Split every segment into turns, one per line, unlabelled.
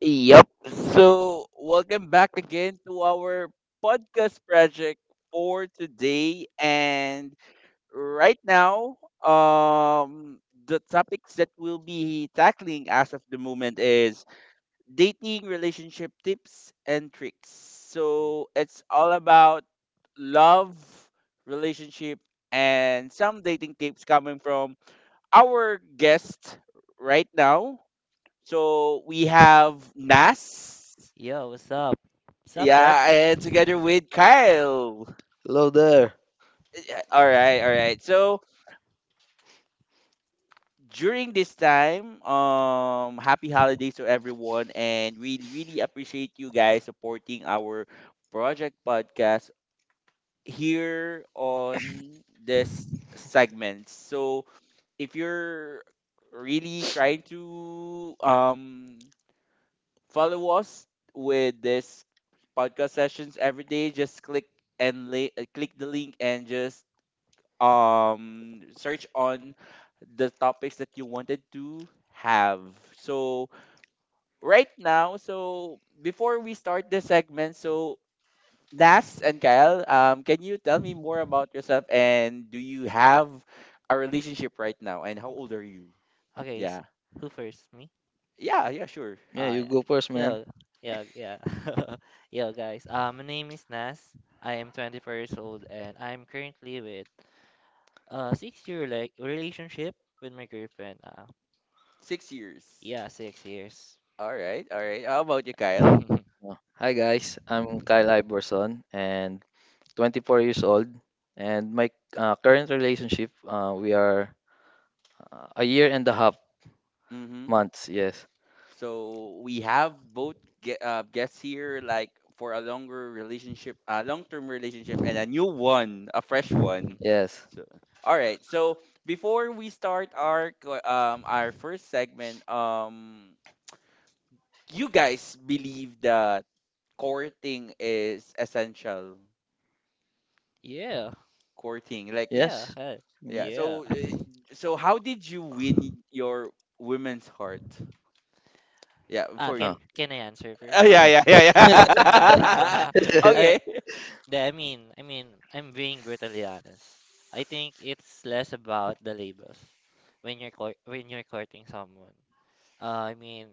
Yep. So, welcome back again to our podcast project for today. And right now, the topics that we'll be tackling as of the moment is dating relationship tips and tricks. So, it's all about love, relationship, and some dating tips coming from our guest right now. So, we have Nas.
Yo, what's up? What's up, Zed?
Yeah, and together with Kyle.
Hello there.
All right, all right. So during this time, happy holidays to everyone, and we really appreciate you guys supporting our project podcast here on this segment. So if you're really trying to follow us with this podcast sessions every day, just click and click the link and just search on the topics that you wanted to have, so right now. So before we start the segment, so Nas and Kyle, can you tell me more about yourself, and do you have a relationship right now, and how old are you?
Okay.
Yeah,
Who first? Me?
yeah sure.
Yeah,
Oh,
you
yeah.
go first, man.
Yo, yeah, yeah. Yo, guys. My name is Nas. I am 24 years old and I'm currently with a 6 year relationship with my girlfriend.
6 years.
Yeah, 6 years.
All right, all right. How about you, Kyle?
Oh. Hi guys, I'm Kyle Iverson and 24 years old. And my current relationship, we are a year and a half
Mm-hmm.
months. Yes,
So we have both guests here, like for a longer relationship, a long-term relationship, and a new one, a fresh one.
yes,
So, all right. So before we start our our first segment, you guys believe that courting is essential.
Yeah,
Courting, like,
yeah,
yes.
hi.
Mm.
yeah.
Yeah.
So so how did you win your women's heart? Yeah, for
Can
Oh.
you.
I answer first?
Oh,
Uh, uh,
yeah.
I,
Okay.
I mean, I'm being brutally honest. I think it's less about the labels when when you're courting someone. Uh, I mean,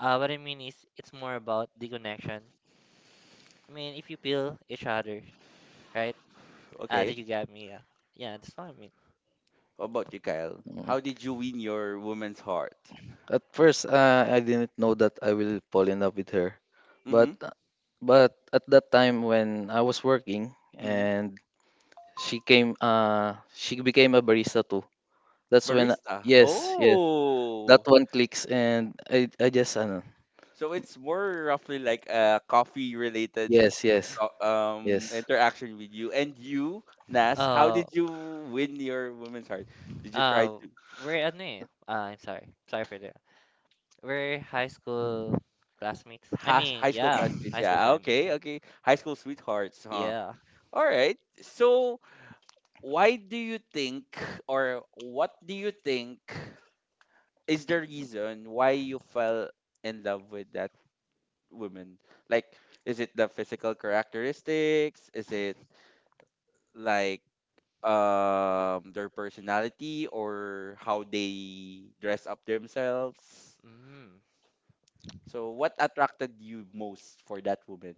what I mean is it's more about the connection. I mean, if you feel each other, right?
Okay.
Did you get me? Yeah, yeah, that's what I mean.
How about you, Kyle? How
Mm.
did you win your woman's heart?
At first, I didn't know that I will fall in love with her,
Mm-hmm.
but at that time when I was working
Mm-hmm.
and she came, she became a barista. That's when
Barista.
yes, yes. That
Oh.
one clicks and I just ano.
So it's more roughly like a coffee related
Yes, yes. Yes.
interaction with you. And you, Nas, how
Uh,
did you win your woman's heart? Did you try
uh,
to,
we're ano eh? I'm sorry, sorry for that. We're high school classmates. I
has
mean,
high school
yeah,
classmates?
high school
Yeah.
classmates.
Okay. Okay. High school sweethearts, huh?
Yeah.
All right. So, why do you think, or what do you think is the reason why you fell in love with that woman? Like, is it the physical characteristics? Is it like their personality or how they dress up themselves?
Mm.
So, what attracted you most for that woman?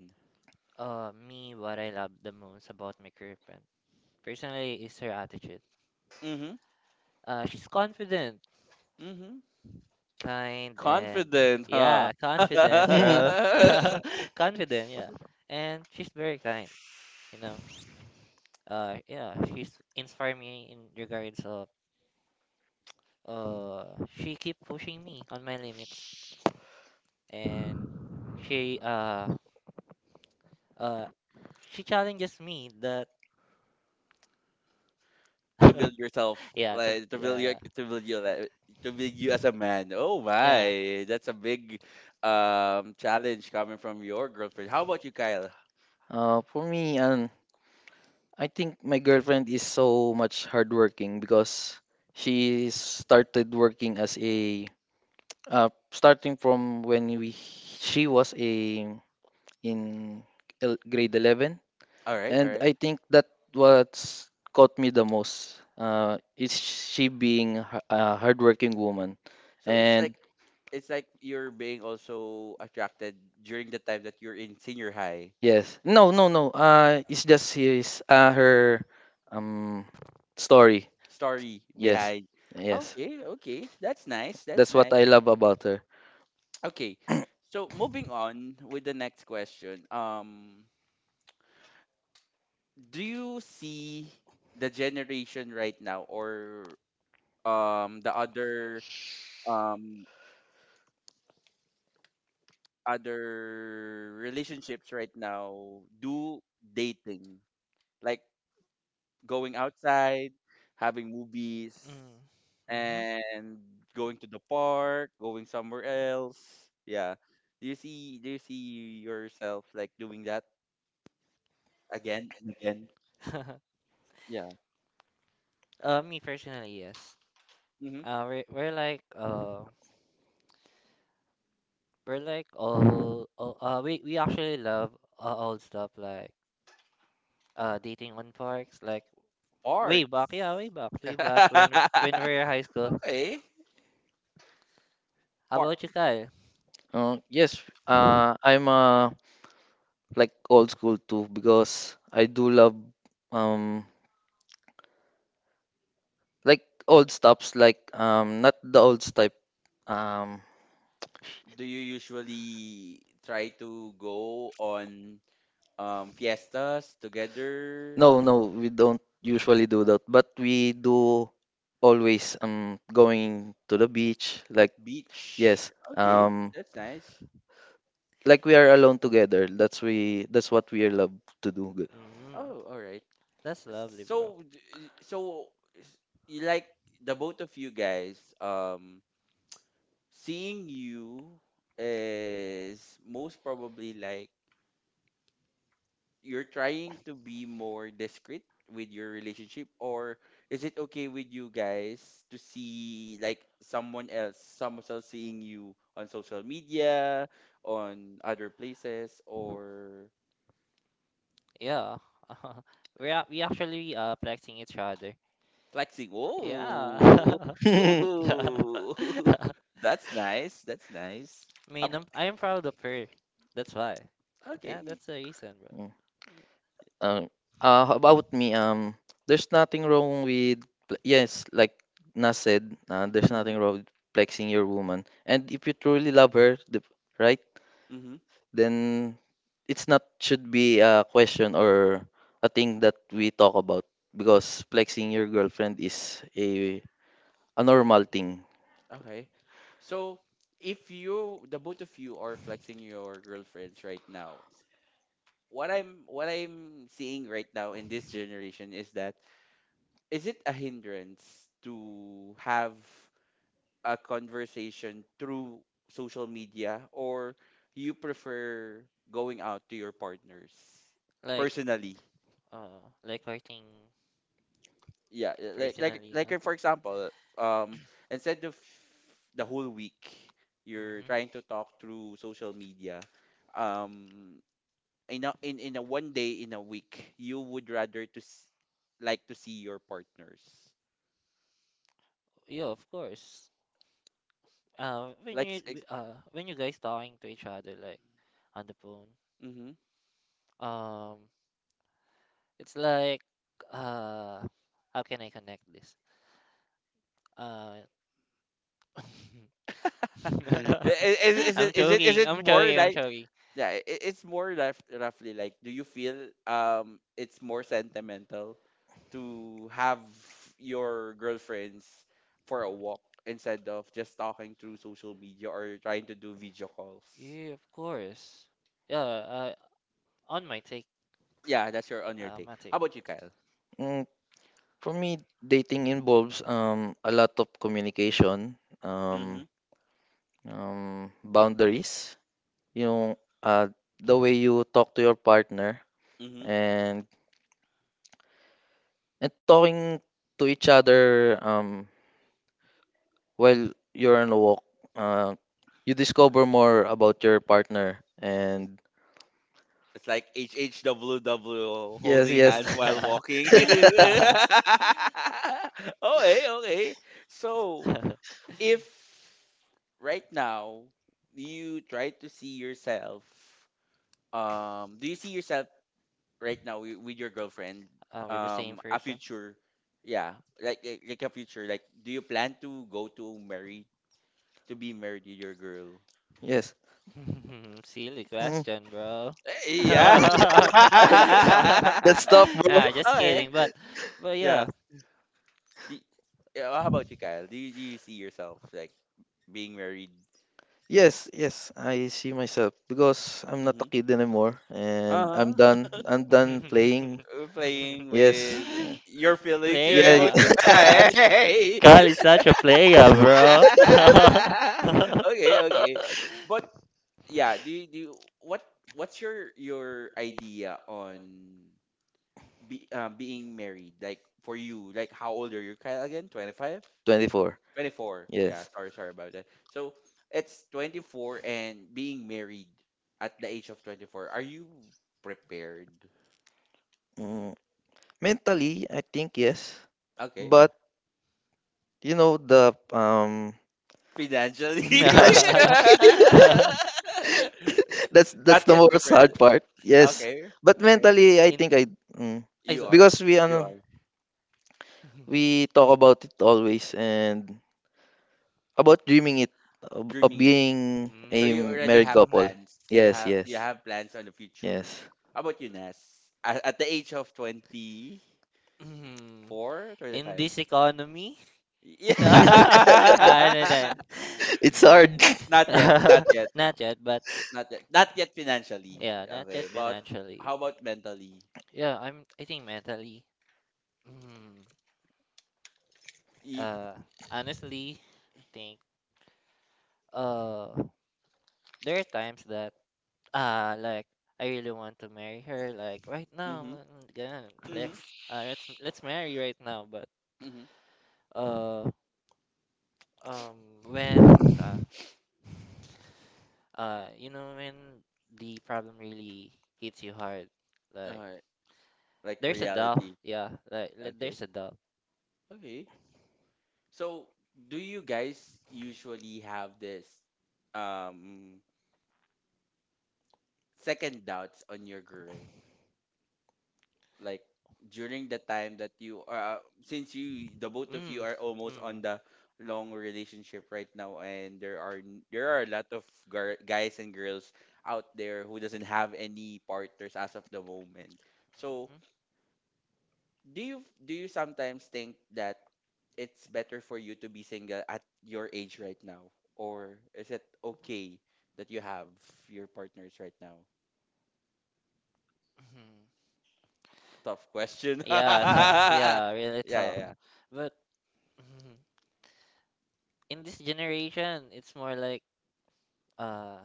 Me, what I love the most about my girlfriend personally is her attitude.
Mm-hmm.
She's confident,
Mm-hmm.
kind, and
Confident, huh?
yeah, confident, bro. Confident, yeah, and she's very kind. You know, yeah, she's inspired me in regards of uh, she keep pushing me on my limits, and she uh uh, she challenges me that.
To build yourself,
Yeah
like to build
yeah,
your,
yeah,
to build you like, to build you as a man. Oh
yeah.
my, that's a big challenge coming from your girlfriend. How about you, Kyle?
For me, I think my girlfriend is so much hardworking because she started working as a starting from when we she was a in el- grade 11.
All right, all
And
right.
I think that what's caught me the most is she being a hardworking woman.
So it's like,
And
it's like you're being also attracted during the time that you're in senior high.
yes, no, no, no. It's
Okay.
just his her um story.
Story
Yes,
behind.
yes.
Okay, okay, that's nice, that's
That's what I
nice.
love about her.
Okay. So moving on with the next question, do you see the generation right now, or the other, um other relationships right now, do dating, like going outside, having movies,
Mm,
and going to the park, going somewhere else, yeah, do you see, do you see yourself like doing that again and again?
mm-hmm.
Yeah.
Me personally, yes.
Mm-hmm.
Uh we're like all we actually love old stuff like dating on parks, like
Park.
way back, yeah, way back, way back when we were high school.
Okay.
How
Park,
about you, Kyle?
Yes, I'm like old school too because I do love um like old stuffs like not the old type um
do you usually try to go on fiestas together?
No, no, we don't usually do that, but we do always going to the beach. Like
Beach.
yes,
Okay, that's nice.
like we are alone together. That's we. That's what we love to do. Good.
Mm,
Oh, all right.
that's lovely, bro.
So so you like, the both of you guys, seeing you is most probably like you're trying to be more discreet with your relationship, or is it okay with you guys to see like someone else, someone else seeing you on social media, on other places, or
Yeah. We actually flexing each other.
flexing?
Yeah.
Oh.
I
Oh, that's nice, that's nice. How,
mean, I'm proud of her. That's why. Yeah,
okay.
that's the reason, bro.
Mm, Uh, how about me, there's nothing wrong with, yes, like Nas said, there's
Mm-hmm.
nothing wrong with flexing your woman. And if you truly love her, the, right?
Mm-hmm.
Then it's not should be a question or a thing that we talk about because flexing your girlfriend is a normal thing.
Okay. So if you, the both of you are flexing your girlfriends right now, what I'm, what I'm seeing right now in this generation is that, is it a hindrance to have a conversation through social media, or you prefer going out to your partners
Like,
personally?
like hurting
Yeah, yeah, like like
personally.
like for example, um, instead of the whole week you're
Mm-hmm.
trying to talk through social media, um, in a, in a one day in a week you would rather to like to see your partners,
Yeah, of course.
like.
When you guys talking to each other like on the phone,
Mm-hmm.
um, it's like, uh, how can I connect this? Uh,
Is, is it
I'm
is it is
joking.
it
I'm
more
joking. I'm
like,
joking.
yeah, it's more rough, roughly like, do you feel it's more sentimental to have your girlfriends for a walk instead of just talking through social media or trying to do video calls?
Yeah, of course. Yeah, on my take,
Yeah, that's your, on your take.
my
How
take.
about you, Kyle?
Mm, for me, dating involves a lot of communication, um,
Mm-hmm.
boundaries, yung uh the way you talk to your partner
Mm-hmm.
and talking to each other while you're on a walk, uh, you discover more about your partner. And
It's like HHWW,
yes,
holding
yes.
hands while walking. Okay, okay. So, if right now you try to see yourself, do you see yourself right now with your girlfriend,
Are we the same
a
person?
future, yeah, like like a future, like do you plan to go to marry, to be married to your girl?
Yes.
Silly
Mm,
question, bro.
Eh, yeah.
Nah,
that's tough, bro.
just
Okay.
kidding. But yeah.
Yeah. Do, yeah. How about you, Kyle? Do you see yourself like being married?
Yes, yes, I see myself because I'm not a
Mm-hmm.
kid anymore, and I'm
Uh huh.
done. I'm done playing.
Playing
Yes.
with
Yeah.
your feelings,
Player.
your
Yeah.
emotions.
yeah.
Hey.
Carl is such a player, bro.
Okay. Okay. But yeah. What what's your idea on be being married? Like for you, like how old are you, Kyle? Again, 25.
24.
24. Yeah,
Yes.
sorry, sorry about that. So it's 24, and being married at the age of 24. Are you prepared?
Mm, mentally, I think yes,
Okay.
but You know the
Financially.
Binaj. That's
Not
the
yet
most
prepared.
hard part. Yes,
Okay.
but
Okay.
mentally, I
In,
think I mm,
ay,
You
so-
are.
because we
You
ano
are
we talk about it always and about dreaming it of
dreaming it.
being a
So you
Mm,
already
married
have
couple.
mhm,
plans. You
Yes,
have, you
yes,
have plans on the future.
yes.
How about you, Ness? At the age of twenty
mhm.
four, twenty
In
five.
this economy? Ah,
Yeah.
no, no.
it's hard.
Not yet,
Not yet, but
not yet financially.
yeah, not
Okay,
yet
but
financially.
how about mentally?
Yeah, I'm. I think mentally. Mm,
E-
uh, honestly, think. Uh, There are times that uh like I really want to marry her like right now.
mhm,
Mm,
mhm,
Let's marry right now. But
mhm.
uh um when you know when the problem really hits you hard, like
Alright, like reality. Okay,
There's a doubt.
okay. So, do you guys usually have this um second doubts on your girl, like during the time that you are, since you, the both of you,
Mm.
are almost
Mm.
on the long relationship right now, and there are there are a lot of guys and girls out there who doesn't have any partners as of the moment, so
Mm-hmm.
do you do you sometimes think that it's better for you to be single at your age right now, or is it okay that you have your partners right now?
Mm-hmm.
Tough question.
Yeah, tough.
Yeah.
Yeah, really
yeah
tough.
yeah
But in this generation, it's more like uh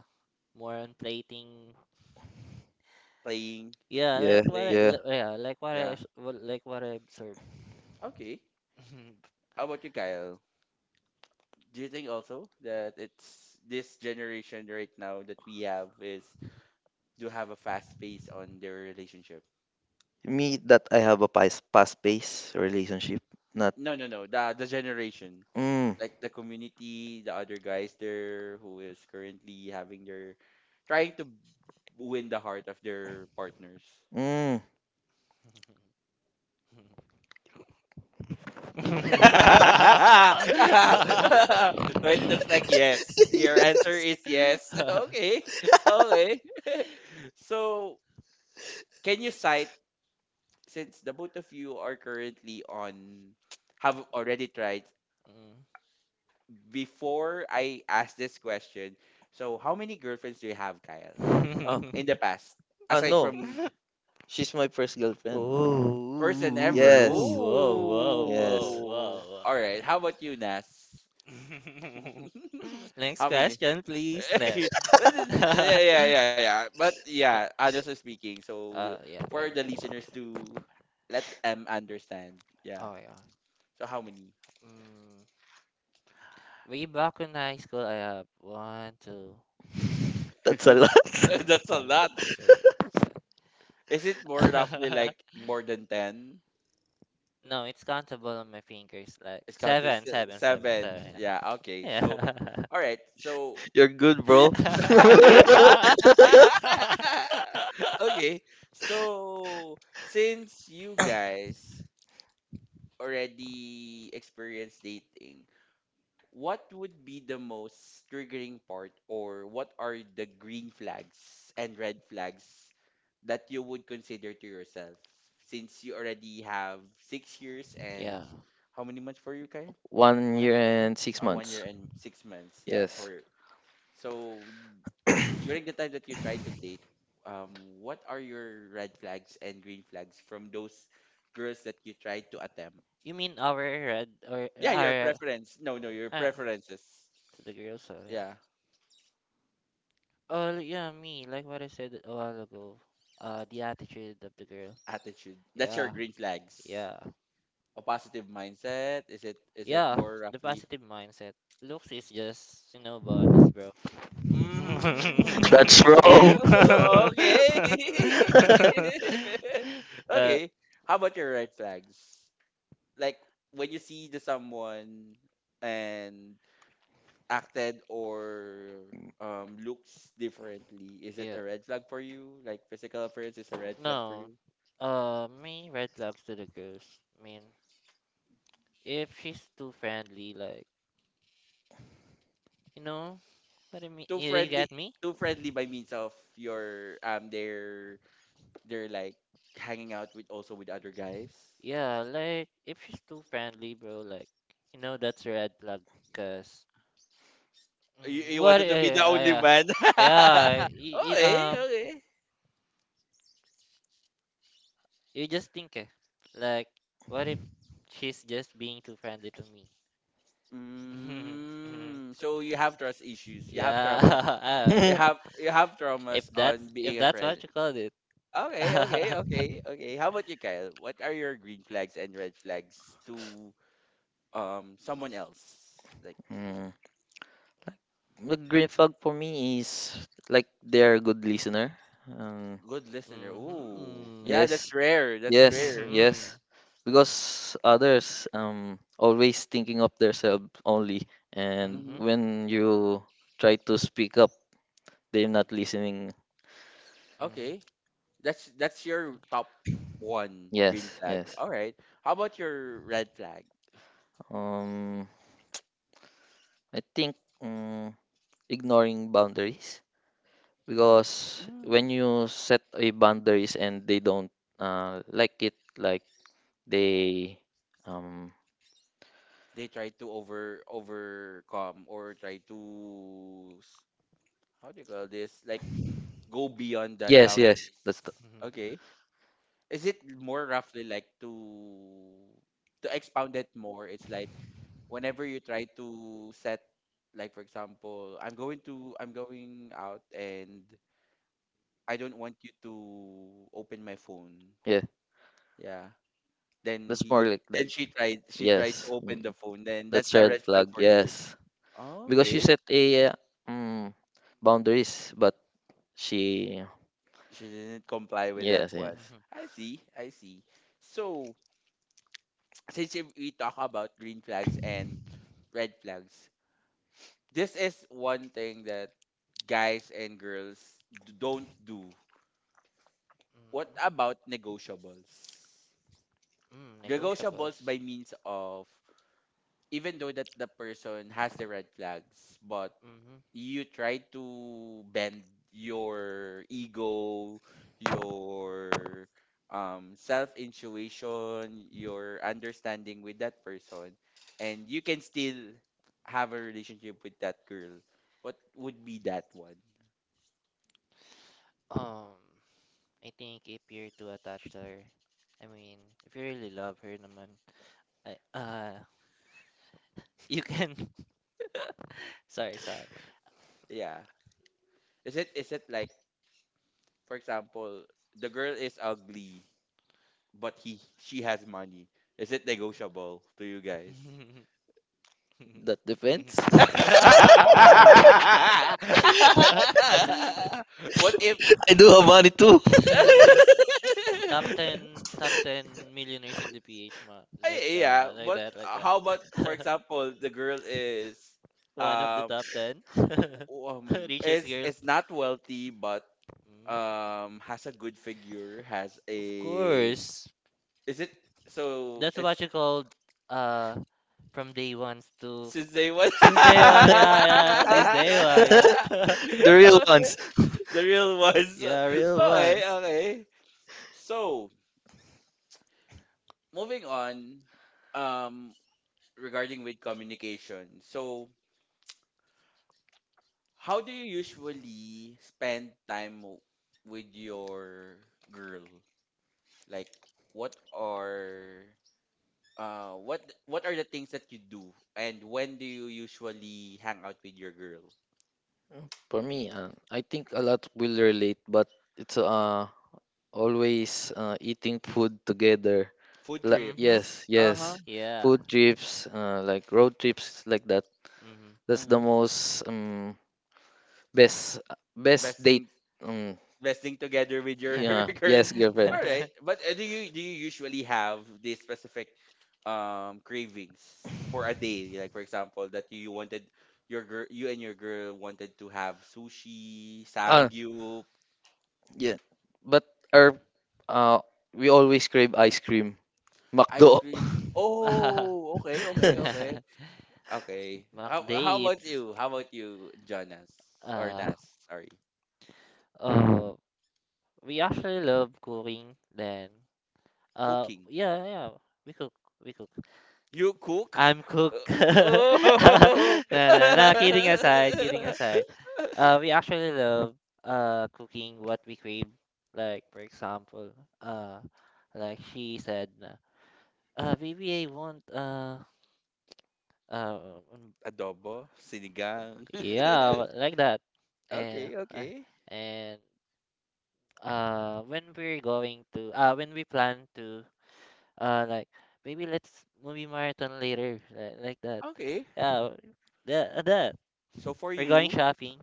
more on plating.
Playing.
Yeah,
Yeah,
Yeah,
playing.
yeah.
yeah,
Yeah.
like what I observed.
Okay. How about you, Kyle? Do you think also that it's this generation right now that we have is, do have a fast pace on their relationship?
Me that I have a past pace relationship. Not
No, no, no. The generation,
mm,
like the community, the other guys there who is currently having their, trying to win the heart of their partners.
Mm.
So
Mm.
it looks like yes. Your answer is yes. Okay. Okay. So can you cite, since the both of you are currently on, have already tried, before I ask this question. So how many girlfriends do you have, Kyle?
Oh,
In the past? Aside
no.
from,
She's my first girlfriend.
first and
Oh,
ever. Oh.
whoa,
Yes.
whoa, whoa,
Yes.
whoa,
All right. How about you, Nas?
whoa. Next
How many?
question, please. Ne.
Yeah,
uh,
yeah. But yeah, honestly speaking, so
yeah, I
for
know.
the listeners to let them understand, yeah.
Oh, yeah.
So how many?
Mm. Way back in high school, I have one, two, three,
That's a
four,
lot.
That's a
five,
lot.
six,
Is it more roughly
seven.
like more than ten?
No, it's countable on my fingers. Like
It's counted, it's
seven,
still
seven, seven,
seven.
seven.
Yeah. Okay. So,
Yeah.
all right. So.
You're good, bro.
Yeah.
Okay. So since you guys already experienced dating, what would be the most triggering part, or what are the green flags and red flags that you would consider to yourself, since you already have 6 years
Yeah.
and how many months for you, Kyle?
One
One
year
and one.
and six
1 year
months.
and 6 months. Yeah. So,
Yes.
so during the time that you try to date, what are your red flags and green flags from those girls that you try to attempt?
You mean our red or
Yeah, your
our
preference. No, no, your
uh,
preferences.
to the girls? So yeah.
Yeah.
Oh yeah, me. Like what I said a while ago. The attitude of the girl.
Attitude. That's your
Yeah.
green flags.
Yeah.
A positive mindset. Is it, is it
Yeah.
more
The
roughly?
positive mindset. Looks is just, you know, bonus, bro.
That's
Hmm.
wrong.
Okay.
uh,
Okay. How about your red flags? Like when you see the someone and acted or looks differently, is it
yeah.
a red flag for you? Like physical appearance is a red flag for
No.
you?
Me, red flags to the girls. I mean, if she's too friendly, like, you know what I mean?
Too
You
friendly,
get me?
too friendly by means of your, their, they're like hanging out with also with other guys?
Yeah, like if she's too friendly, bro, like you know that's a red flag. Cause
You,
mm,
you
what?
wanted to be
Yeah,
the only
yeah,
man?
yeah.
Okay,
Um,
okay.
you just think, eh, like, what if she's just being too friendly to me? Mhm.
Mm, so you have trust issues. You have
Yeah.
traumas. You have, you have
If
traumas
that's
on
if
being a
that's
friend.
what you called it.
Okay, okay, okay, okay. How about you, Kyle? What are your green flags and red flags to someone else? Like,
Mm. The green flag for me is like they're a good listener. Um,
good listener. Ooh, yeah,
Mhm.
yes,
that's rare. That's
Mhm.
Yes,
rare.
Mhm.
yes. Because others always thinking of themselves only and
Hmm.
Mhm.
when you try to speak up, they're not listening.
Okay. That's your top one green
Yes,
flag.
yes.
All right. How about your red flag?
Um I think ignoring boundaries because when
Mm,
you set a boundaries and they don't like it like they um
they try to over, overcome, or try to how do you call this? Like go beyond that
yes,
boundary.
yes. That's the,
Mhm.
Okay. Is it more roughly like to expound it more? It's like, whenever you try to set, like for example, I'm going to, I'm going out, and I don't want you to open my phone.
yeah.
Yeah. Then
That's more
he, e,
like that.
then she tried, she tried to
Yes.
open the phone. Then
That's
that's a
red
red flag
flag,
for you.
yes.
Oh,
Because she
okay.
set a mm, boundaries, but she
She didn't comply with that
yes,
one.
yes.
Mhm.
I see. I see. So since if we talk about green flags and red flags, this is one thing that guys and girls don't do. What
Mm.
about negotiables?
Mm,
Negotiables by
negotiables.
means of, even though that the person has the red flags, but
Mm-hmm.
you try to bend your ego, your self intuition, your understanding with that person, and you can still have a relationship with that girl. What would be that one?
Um, I think if you're too attached to her, I mean, if you really love her naman, I, you can, sorry, sorry.
Yeah. Is it like, for example, the girl is ugly but he she has money. Is it negotiable to you guys?
That depends.
what
I do have money too.
Top 10, top 10 millionaires in the PH, ma. Like
Ay, yeah,
that, like
but
that, like that.
how about, for example, the girl is
One of the
um
top 10
w- um
richest
is
girls.
is not wealthy but
Mm.
has a good figure, has
Of
a
course.
is it so
That's
it's
what you called uh from day one to
since they was
since day one, yeah, yeah, since day one, yeah.
The real ones.
the real ones.
Yeah, real
Okay,
ones.
okay. So moving on. Um, regarding with communication. So, how do you usually spend time with your girl? Like, what are uh what what are the things that you do, and when do you usually hang out with your girl?
For me, I think a lot will relate, but it's always eating food together.
Food
La-
trip.
Mm-hmm.
yes,
Uh huh.
yes.
Yeah.
Food trips, like road trips like that.
Uh
That's the
huh.
most Best best
Best
date.
thing
Mm.
resting together with your
Yeah.
girls.
Yes, girlfriend.
All right,
Mm-hmm.
but do you usually have these specific cravings for a day? Like, for example, that you wanted your girl, you and your girl wanted to have sushi,
Ah,
samgyup,
yeah. But our uh we always crave ice cream.
ice
McDo.
cream. Oh, okay, okay, okay, okay.
Mac
How about
dates.
you? How about you, Jonas or
Uh
Nas? Sorry,
oh we actually love cooking then.
cooking.
Yeah, yeah. We cook we cook
You cook?
I'm cook, No, no, no, kidding aside, kidding
Oh.
aside. We actually love cooking what we crave. Like for example, uh, like she said, na, baby, I want uh, um,
adobo, sinigang.
yeah, like that. And
Okay,
uh,
okay,
and when we're going to when we plan to like maybe let's movie marathon later, like that.
okay.
Uh, that
So for
we're going
you,
shopping.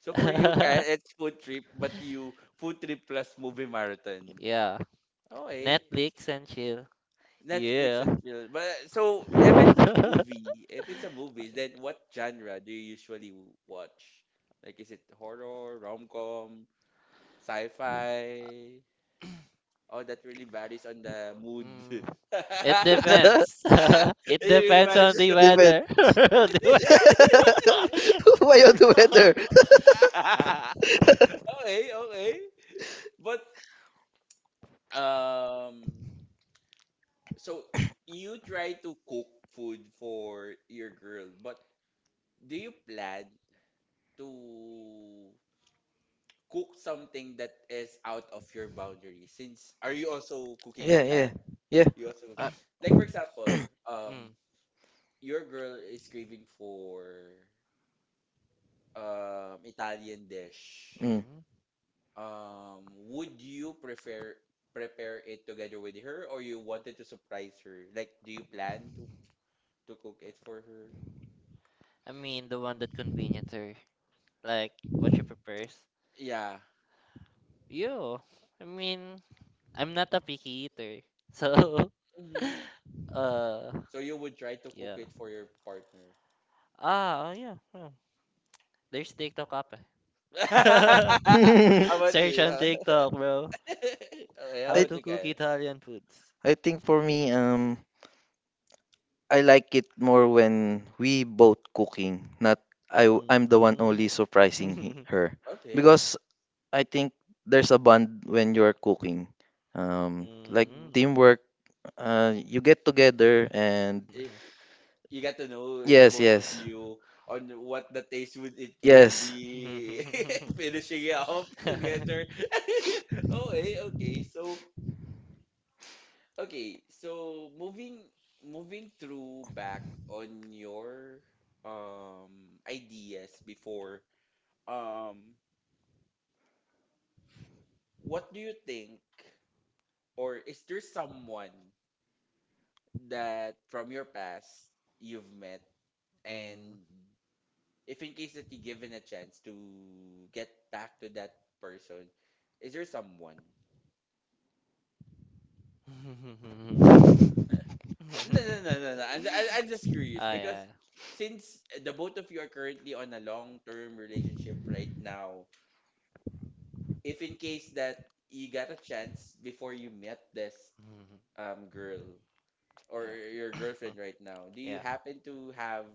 so for you, Kyle, it's food trip, but you food trip plus movie marathon.
Yeah.
Okay,
Netflix and chill.
Netflix
Yeah.
and chill. But so if it's a movie, then what genre do you usually watch? Like, is it horror, rom com, sci fi? Oh, that really varies on the mood.
Mm, it depends. It depends on
Everybody's
the
food.
Depends
weather. The weather.
Why on the weather?
Okay, okay. But um so you try to cook food for your girl, but do you plan to cook something that is out of your boundary? Since, are you also cooking,
Yeah, yeah,
Kyle?
yeah.
You also cooking.
Uh,
Like, for example,
Mm,
your girl is craving for Italian dish.
mm.
mm.
Would you prefer prepare it together with her or you wanted to surprise her? Like, do you plan to cook it for her?
I mean, the one that convenient her. Like, what she prefers.
Yeah.
Yo, I mean, I'm not a picky eater. So,
hmm
uh,
So you would try to cook
yeah.
it for your partner.
Ah, oh yeah, yeah. There's TikTok app.
how
Eh.
about
Search
you?
on
Huh?
TikTok, bro.
Okay, how
How
I,
about
to
you,
cook
Kyle?
Italian foods.
I think for me, I like it more when we both cooking, not I'm the one
Mhm.
only surprising he, her,
Okay.
because I think there's a bond when you're cooking. Like
hmm
Mhm.
teamwork, you get together and
i-
Mhm.
i- You got to know the
yes,
both of
yes,
you on what the taste would it will
yes.
be finishing it off together. Okay, okay. Okay, so moving through back on your ideas before, um, what do you think, or is there someone that from your past you've met,
Mm.
and if in case that you given a chance to get back to that person, is there someone? No, no, no, no, no. I, I'm just curious,
Ah,
because
yeah.
since the both of you are currently on a long-term relationship right now, if in case that you got a chance before you met this
Mhm.
girl or your
Yeah.
girlfriend right now, do you
Yeah.
happen to have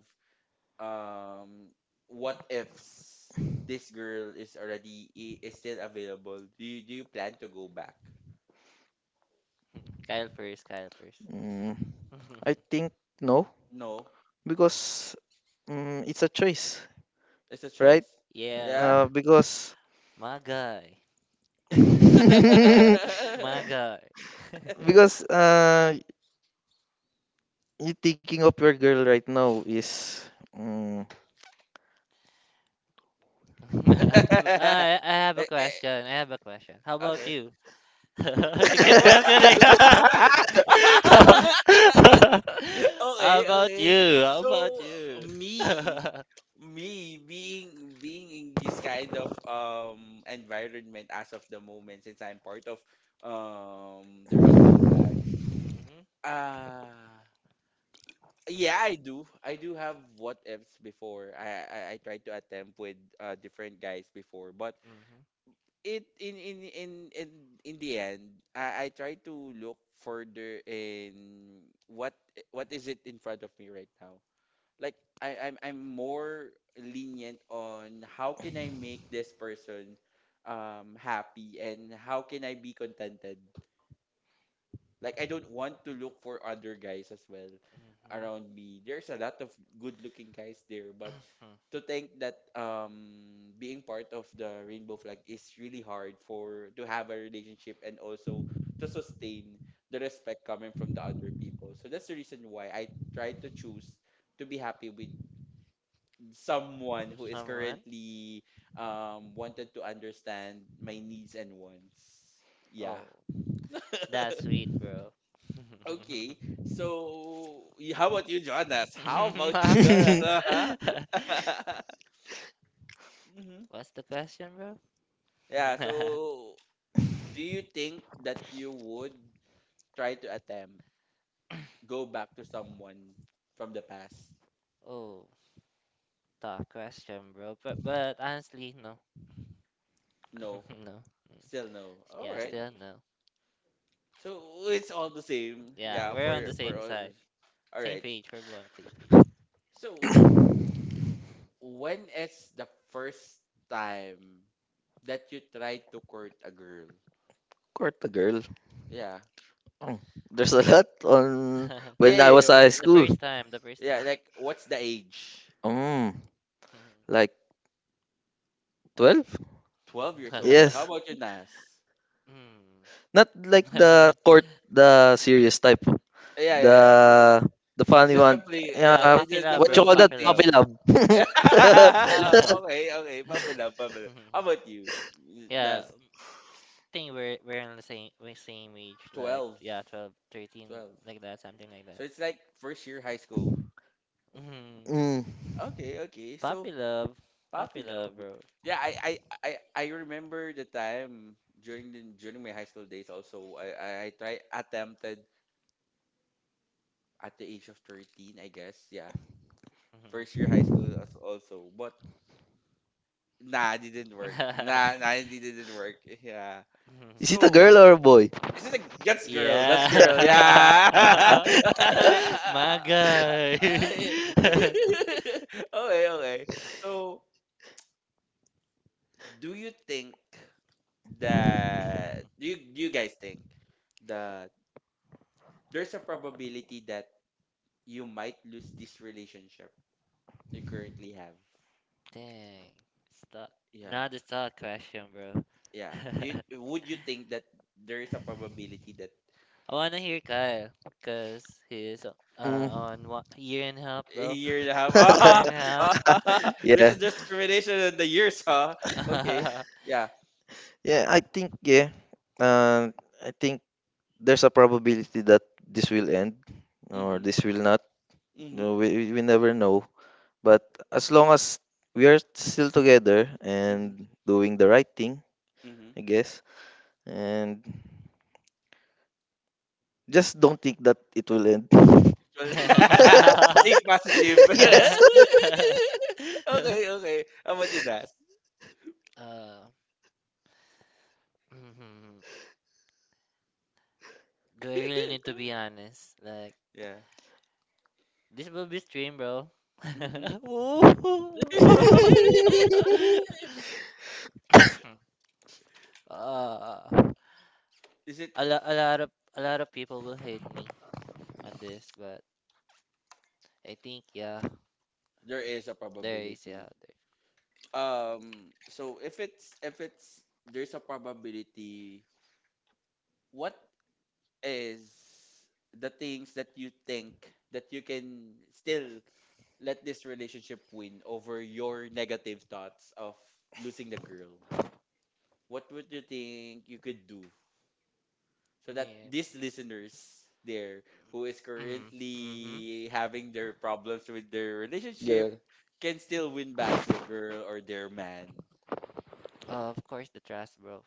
um what ifs, this girl is is still available? Do you, do you plan to go back?
Kyle first, Kyle first.
Mm, I think no,
No. Uh,
because it's a choice,
it's a
right?
choice.
Yeah,
Yeah. Yeah?
Because
my guy.
because
My guy.
uh, you thinking of your girl right now is. Mm,
I have a
Eh, eh,
question. I have a question. How about
okay.
you? You keep questioning.
okay,
How about
okay.
you? How
So
about you?
me, being in this kind of environment as of the moment, since I'm part of the rainbow.
Mm-hmm.
Uh, yeah, I do. I do have what ifs before. I tried to attempt with different guys before, but
Mm-hmm.
it in in the end, I try to look further in what is it in front of me right now. Like, I'm more lenient on how can I make this person happy and how can I be contented. Like, I don't want to look for other guys as well
Mm-hmm.
around me. There's a lot of good looking guys there, but
Mhm.
to think that being part of the rainbow flag is really hard for to have a relationship and also to sustain the respect coming from the other people. So that's the reason why I try to choose to be happy with someone who is
Someone?
currently wanted to understand my needs and wants. Yeah.
Oh, that's sweet, bro.
Okay. So, how about you, Jonas? How about you, Jonas? hmm
What's the question, bro?
Yeah. So, do you think that you would try to attempt go back to someone from the past?
Oh, tough question, bro. But honestly, no.
No.
No. Mm.
Still no. All
Yeah,
right.
still no.
So it's all the same.
Yeah,
Yeah.
we're on the
For
same
all.
side,
All
same
right.
page. We're both on the same page.
So, when is the first time that you tried to court a girl?
Court the girl.
Yeah.
Oh, there's a
uh
lot on
Yeah,
when I
yeah, yeah.
was high
The
school.
first time, the first
Yeah,
time.
like, what's the age?
Mm, like 12?
12 years old. How
Yes.
about you, Nas?
Mm.
Not like the court, the serious type.
Yeah, yeah,
The
yeah. I
the
It's
funny
just a
one.
fling,
Yeah,
Yeah,
it's
puppy
just a
love,
what you
bro,
call
fling
that?
puppy
thing.
love.
Puppy love.
okay, okay. Pump it up, pump it up. How about you,
Yeah, I
Nas?
think we're on the same age, like
12.
yeah, 12, 13,
12.
like that, something like
So
that.
it's like first year high school.
Mm.
Mm.
Okay, okay. So
Puppy love, puppy
puppy love.
love, bro.
Yeah, I remember the time during my high school days also I try attempted at the age of 13, I guess. Yeah. First year high school as- also. But nah, it didn't
Mhm.
work. Nah, nah, it didn't work. Yeah.
Is
Mhm.
it a
So
girl or a boy?
is it a that's girl,
Yeah.
yeah.
My guy.
okay, okay. Okay. So do you think that, do you guys think that there's a probability that you might lose this relationship you currently have?
Dang. Stop.
Yeah.
Not the thought question, bro.
Yeah. Do you, would you think that there is a probability that
I wanna hear Kyle, cause he is
Mm.
on 1 year and a half,
a
bro.
year and a half?
Year
Ah,
and a half.
ah, there's
yeah.
a discrimination in the years, huh? Okay.
uh,
Yeah.
Yeah. Uh, I think there's a probability that this will end or
Mhm.
this will not.
Mhm.
No, we never know. But as long as we are still together
Mhm.
and doing the right thing,
Mhm.
I guess. And just don't think that it will end.
Think positive. Okay.
yes.
Okay. How about you, Des?
mhm. Do I really need to be honest? Like,
yeah.
this will be stream, bro.
hmm
Ooh. uh,
Is it?
a lot of people will hate me on this, but I think yeah,
There is a probability.
there.
Um, so if it's, there's a probability. What is the things that you think that you can still let this relationship win over your negative thoughts of losing the girl? What would you think you could do so that
Man.
these listeners there who is
Mm, mm-hmm.
currently having their problems with their relationship can still win back their girl or their man
Of course, the trust, bro.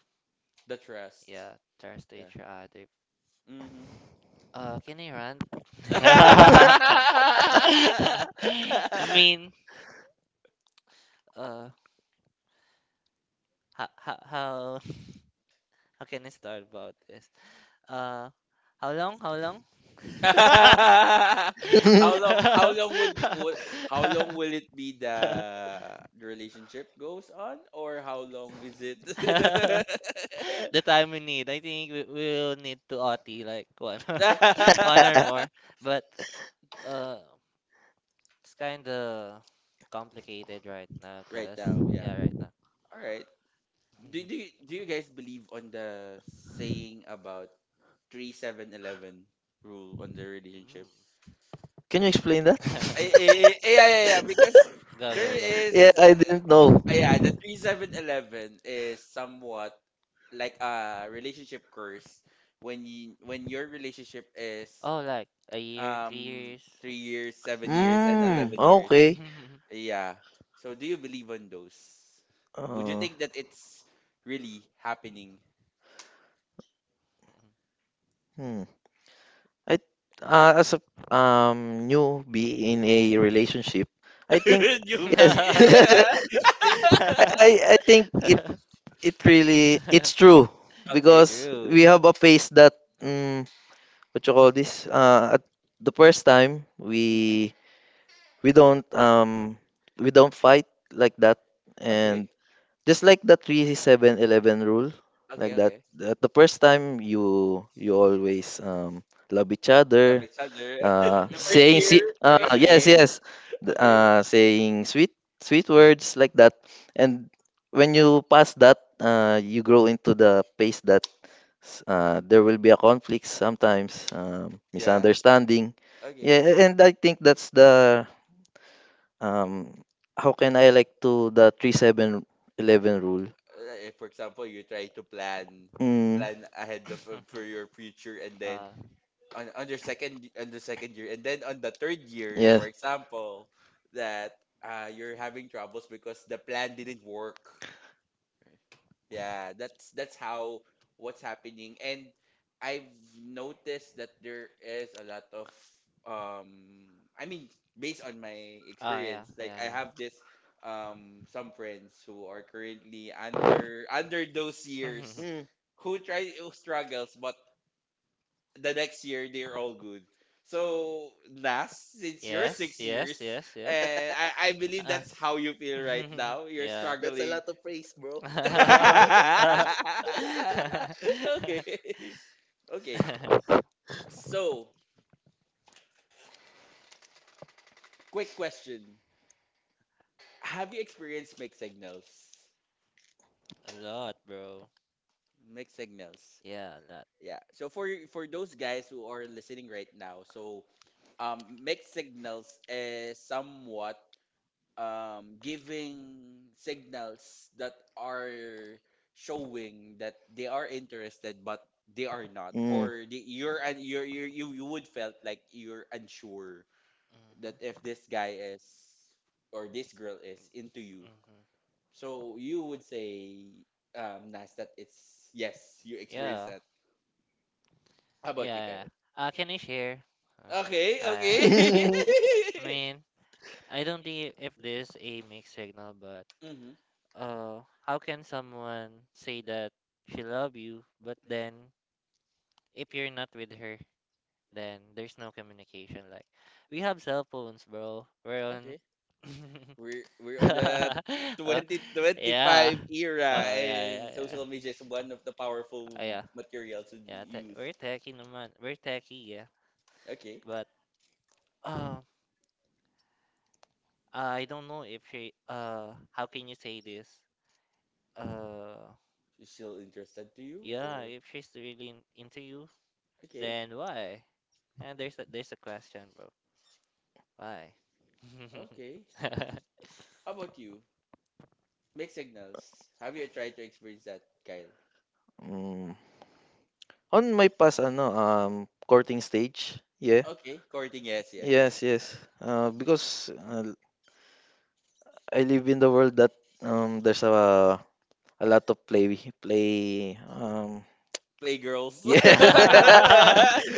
the trust
Yeah, trust to
yeah
each other.
mm-hmm.
Can I run? I mean, uh, how how can I start about this? Uh, how long? How long?
how long, how long would the how long will it be, the relationship goes on or how long is it?
The time we need. I think we will need to OT like one or one or more. But uh, it's kind of complicated right now,
Right
cause
now, yeah,
yeah, right now.
all right. Do you guys believe on the saying about 3-7-11 rule on the relationship?
Can you explain that?
Mm.
Yeah, yeah, yeah, because
Go,
there
go, go.
yeah,
is.
I didn't know.
Ah, yeah, the 3-7-11 is somewhat like a relationship curse when you, when your relationship is
Oh, like a year, three
um
years.
3 years, 7 years, and
Mm,
11 years.
okay.
Yeah. So do you believe on those? Would you
Uh,
think that it's really happening?
hmm. I as a newbie in a relationship, I think
You
yes.
be
I I I think it It really, it's true
It's
okay.
because
true.
we have a phase that mm what you call this? At the first time
hmm
we don't um we don't fight like that,
Okay.
and just like the 3-7-11 rule,
Okay.
like that,
Okay.
that the first time you always love each
Love
other,
each other.
Hmm.
First
saying
year.
First
yes,
year.
yes.
Okay.
Saying sweet words like that. And when you pass that, you grow into the pace that there will be a conflict sometimes,
Yeah.
misunderstanding.
Okay.
Yeah, and I think that's the um how can I like to the 3-7-11 rule
Uh, if for example you try to plan
Mm.
ahead of, for your future, and then
uh,
on your second, on the second year, and then on the third year,
Yeah.
for
Mm.
example, that you're having troubles because the plan didn't work. Right. Yeah, that's how what's happening. And I've noticed that there is a lot of um I mean based on my
oh yeah,
experience, like
yeah,
I
yeah.
have this some friends who are currently under, under those
Mhm.
years, who try, who struggles, but the next year they're all good. So last, since you're
Yes,
six
yes,
years
yes, yes.
and I believe
Uh,
that's how you feel right now. You're
yeah.
That's a
struggling.
lot of praise, bro.
Okay. Okay, so quick question: have you experienced mixed signals?
A lot, bro.
Mixed signals.
Yeah, a lot.
Yeah. So for those guys who are listening right now, so mixed signals is somewhat giving signals that are showing that they are interested but they are not, or the, you're, and you're, you you would felt like you're unsure
Hmm.
that if this guy is or this girl is into you.
Hmm.
So you would say, Nas, that it's yes, you experienced
Yeah,
that. How about
yeah,
you,
yeah.
Kyle?
Can I share?
Okay, okay.
Mm.
I mean, I don't think if this a mixed signal, but
mm-hmm.
how can someone say that she love you, but then if you're not with her, then there's no communication. Like we have cell phones, bro. We're on.
Okay. We're on the
Uh, yeah.
2025 era
Oh yeah, yeah,
and
yeah.
social media is one of the powerful
Yeah,
materials to
yeah.
use.
We're techie, naman. We're techie, yeah.
Okay.
But um, I don't know if she. How can you say this? Uh,
She's still interested to you
yeah.
or
If she's really into you,
okay.
then why? And there's a question, bro. Why?
Okay. How about you? Mixed signals. Have you tried to experience that, Kyle?
Mm. On my past ano courting stage, yeah.
Okay, courting, yes, yes, yes.
Yes, yes. Because I live in the world that there's a lot of play play um
Playgirls.
yeah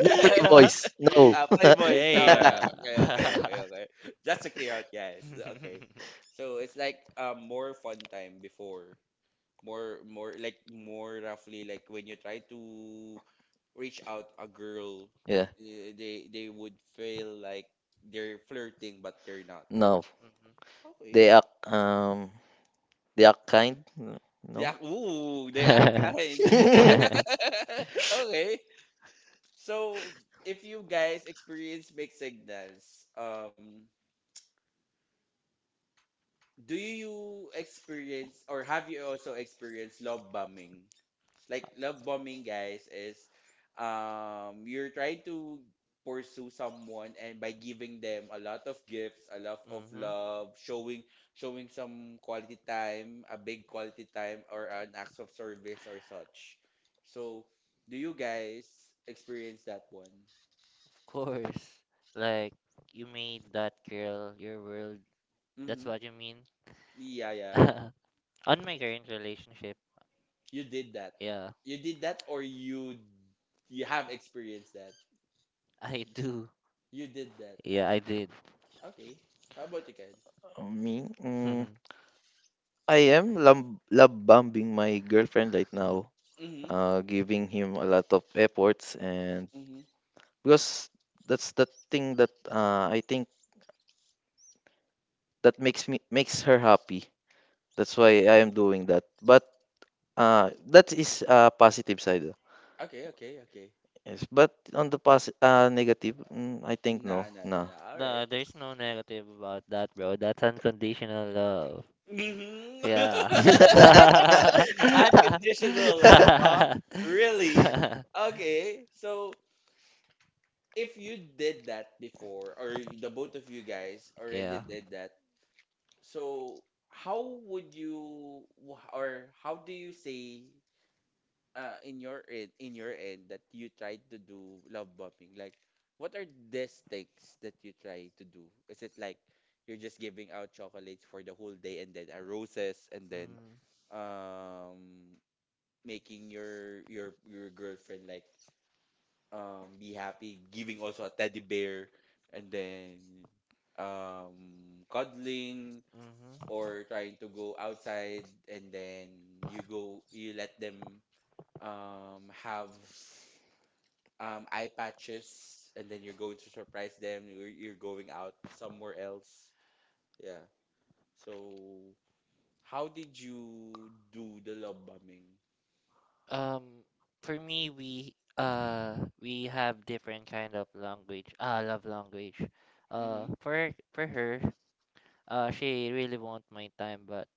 no play boys no
Ah, playboys.
Play. Uh.
Alright, okay, okay, okay, okay. Just to clear out, yes, okay. So it's like more fun time before, more like more roughly, like when you try to reach out a girl,
yeah
eh, they would feel like they're flirting but they're not.
no
Okay.
they act they act kind no
They act, ooh, they act kind. Okay. So, if you guys experience mixed signals, do you experience or have you also experienced love bombing? Like love bombing, guys, is you're trying to pursue someone and by giving them a lot of gifts, a lot of
Mhm.
love, showing some quality time, a big quality time or an acts of service or such. So, do you guys experience that one?
Of course. Like you made that girl your world. That's
Mm-hmm.
what you mean?
Yeah, yeah.
On my current relationship,
You did that.
yeah,
You did that or you have experienced that.
I do.
You did that.
Yeah, I did.
Okay. How about you guys?
me I am love bombing my girlfriend right now,
Mm-hmm.
giving him a lot of efforts, and
Hmm.
because that's the thing that I think that makes me makes her happy. That's why I am doing that. But that is a positive side.
Okay, okay, okay.
Yes, but on the negative, I think no,
Nah, nah, nah,
nah.
nah. All
No,
right.
there's no negative about that, bro. That's unconditional love. Yeah.
Mm-hmm. Unconditional love, huh? Really? Okay. So if you did that before, or the both of you guys already
Yeah.
did that, so how would you, or how do you say in your end that you tried to do love bombing? Like, what are these things that you try to do? Is it like you're just giving out chocolates for the whole day and then roses and then
Mm,
um making your girlfriend like be happy, giving also a teddy bear and then cuddling
mhm.
or trying to go outside and then you let them have eye patches and then you're going to surprise them you're going out somewhere else, yeah. So how did you do the love bombing?
Um, for me, we have different kind of language. Love language.
Mm-hmm.
For her, she really want my time, but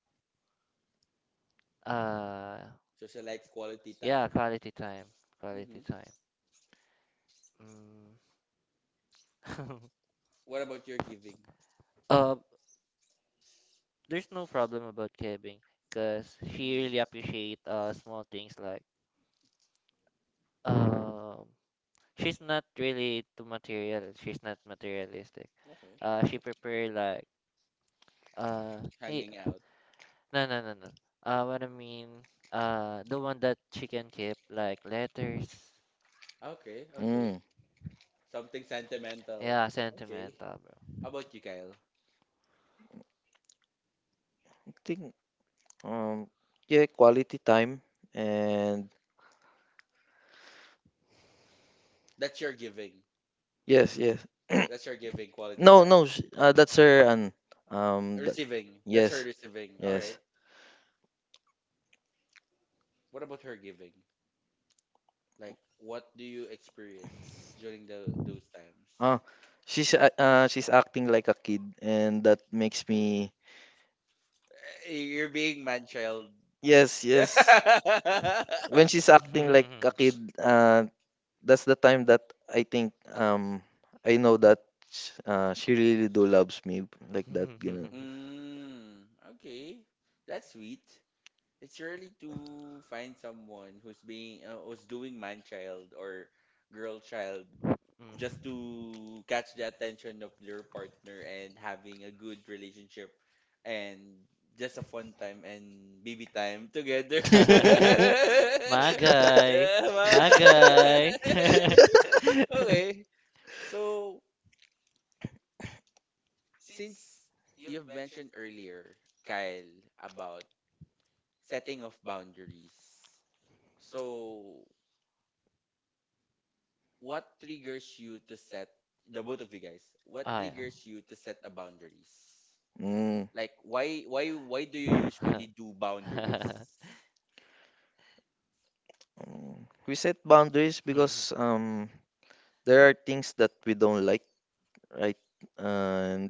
Uh,
So she likes quality
yeah,
time.
quality time,
Mm-hmm.
quality time. Mm.
What about your giving?
uh, there's no problem about Kevin because she
Mm-hmm.
really appreciate small things like um she's not really too material. She's not materialistic.
Okay.
She prepare like uh hey,
Hanging out.
no no no no. What I mean The one that she can keep, like letters.
Okay, okay.
Mm.
Something sentimental.
Yeah,
Okay.
sentimental, bro.
How about you, Kyle?
I think um yeah, quality time and
That's your giving.
Yes, yes.
That's her giving quality
No,
time.
no, that's her and that,
Receiving. That's her
yes.
receiving. All right.
Yes.
What about her giving? Like, what do you experience during the those times?
Uh she's she's acting like a kid and that makes me
Eh, you're being man child.
Yes, yes. When she's acting like a
Mm.
kid, that's the time that I think I know that she really do loves me like that, you know.
Mhm.
Mm, okay, that's sweet. It's really to find someone who's being who's doing man child or girl child just to catch the attention of your partner and having a good relationship and just a fun time and baby time together.
My guy.
Yeah,
My
ma-
guy.
okay. So, since you've mentioned earlier, Kyle, about setting of boundaries. So, what triggers you to set the both of you guys? What
Oh, yeah.
triggers you to set a boundaries?
Mm,
Like why do you usually do boundaries?
mm. We set boundaries
Mhm.
because there are things that we don't like, right? And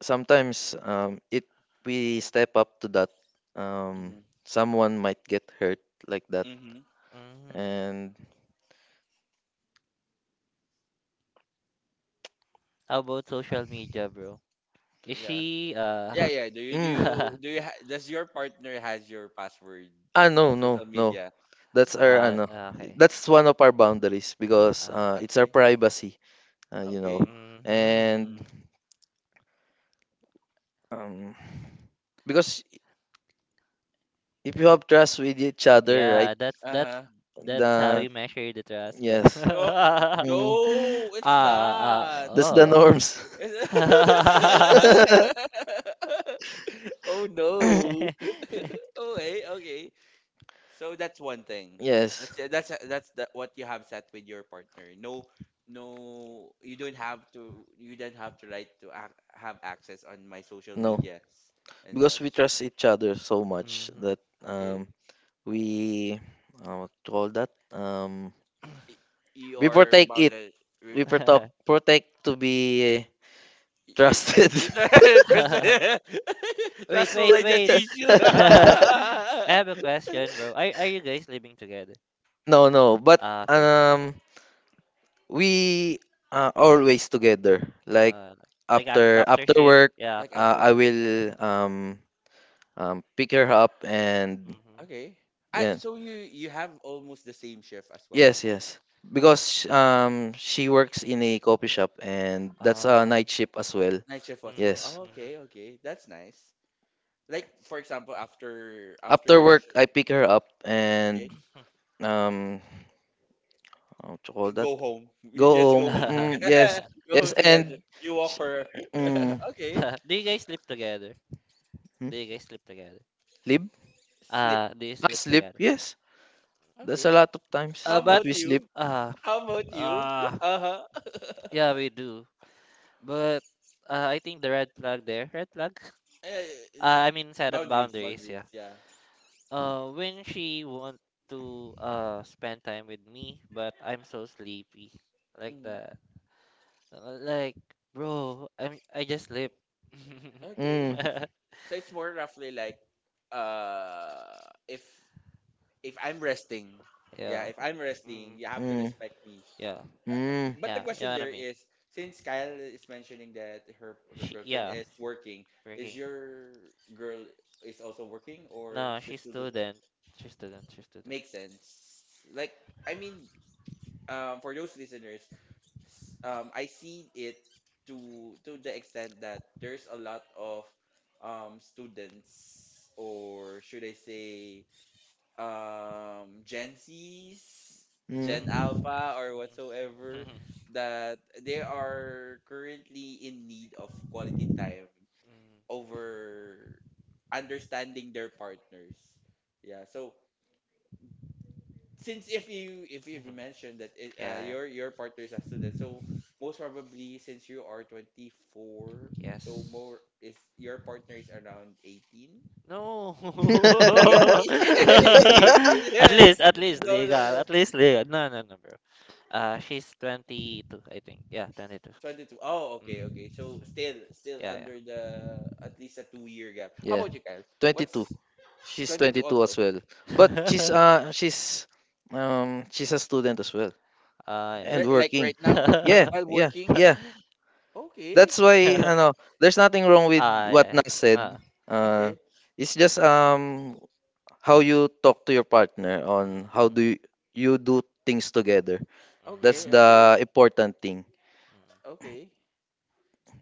sometimes it we step up to that um
Mm-hmm.
someone might get hurt like that.
Mm-hmm.
Mhm.
And
How about social media, bro? Is
Yeah.
she
Yeah, yeah. Do you do
mm,
you do you ha- does your partner has your password
ah no
on
no
social
no
media?
that's our ano
okay.
that's one of our boundaries because
Uh,
it's our
Okay.
privacy you know
Okay.
and
mhm.
um because if you
It's
have trust with each
Yeah,
other, right?
that's that's
uh-huh.
The
that's how you measure the trust, bro.
yes,
Oh,
Mm.
no, it's
Ah, ah,
not.
That's the
oh.
norms.
Oh no. Okay, okay. So that's one thing.
yes.
That's the, what you have set with your partner. No, no, you don't have to. You don't have the right to ac have access on my social
No,
media and
because
such.
we trust each other so much
Mhm.
that um
Okay,
we what to call that
you
we
are
protect
bound
it.
to. Re-
We protect to be
you,
trusted.
you trust,
Wait,
trust
wait,
related
wait.
issue.
I have a question, bro. Are you guys living together?
no, no, but
Ah, okay.
um, we always together. Like
Uh,
after
after
after
shift,
work,
yeah,
Like
after work.
after
I
work.
will pick her up and
Mm-hmm.
Okay. Ah,
yeah.
so you have almost the same shift as well.
Yes, yes. Because she works in a coffee shop and that's a
Uh,
night shift as well.
Night shift as well.
mm-hmm,
Oh,
Yes.
mm-hmm.
okay, okay. That's nice. Like for example, after after
After
your
work, I
shift,
pick her up
okay,
and um to call that
go home. You
go
just go
home.
home.
Mm, yes,
Go home
yes,
together.
and
You walk her.
mm,
Okay.
Do you guys sleep together?
hmm,
Do you guys sleep together?
live,
Sleep.
Do you sleep
Sleep.
sleep.
together?
Yes, that's
Okay.
a lot of times
How
that
But
about
we sleep.
you?
uh,
How about you?
uh,
Uh-huh.
yeah, we do. But I think the red flag there, red flag.
Uh, uh,
I mean, set up
boundaries,
boundaries.
boundaries.
Yeah.
Yeah.
When she want to spend time with me, but I'm so sleepy, like
Hmm.
that. Like, bro, I just sleep.
Okay.
Mm,
So it's more roughly like uh if if I'm resting, yeah,
Yeah.
if I'm resting,
Mm,
you have to
mm,
respect me.
yeah.
mm,
But the
Yeah. You
question
know what I
there
mean?
is, since Kyle is mentioning that her her
She,
girlfriend
yeah.
is working, is
Working.
your girl is also working or
No,
she's
she's
still
student. She's student. She's student.
makes sense? Like I mean, for those listeners, I see it to the extent that there's a lot of students or should I say Gen Zs, Gen
mm.
Mhm.
Alpha or
Mhm.
whatsoever
Mhm.
that they are currently in need of quality time over understanding their partners. Yeah, so since if you if you've
Mhm.
mentioned that it,
Yeah, yeah.
your partner is a student, so most probably since you are 24, so more
Yes.
is your partner is around 18,
No.
18, 18.
At least
No, no,
legal.
no.
At least legal. No, no, no, bro. She's 22, I think. Yeah, 22.
22. Oh, okay,
Mm.
okay. So still still
Yeah, yeah.
under the at least a 2 year gap. How
yeah,
about you, Kyle? What's
22. She's
22
22
also?
as well. But she's uh she's um she's a student as well
Ah,
and
Ri- like
working.
right now
Yeah,
yeah.
while
yeah,
working?
yeah.
Okay.
That's why I know there's nothing wrong with
Ah, yeah,
what
yeah.
Nas said.
Ah.
Uh
Okay.
it's just how you talk to your partner on
Mm,
how
mhm.
do you do things together. That's
Okay.
Mm,
Okay.
the important thing.
mm, mm.
Okay.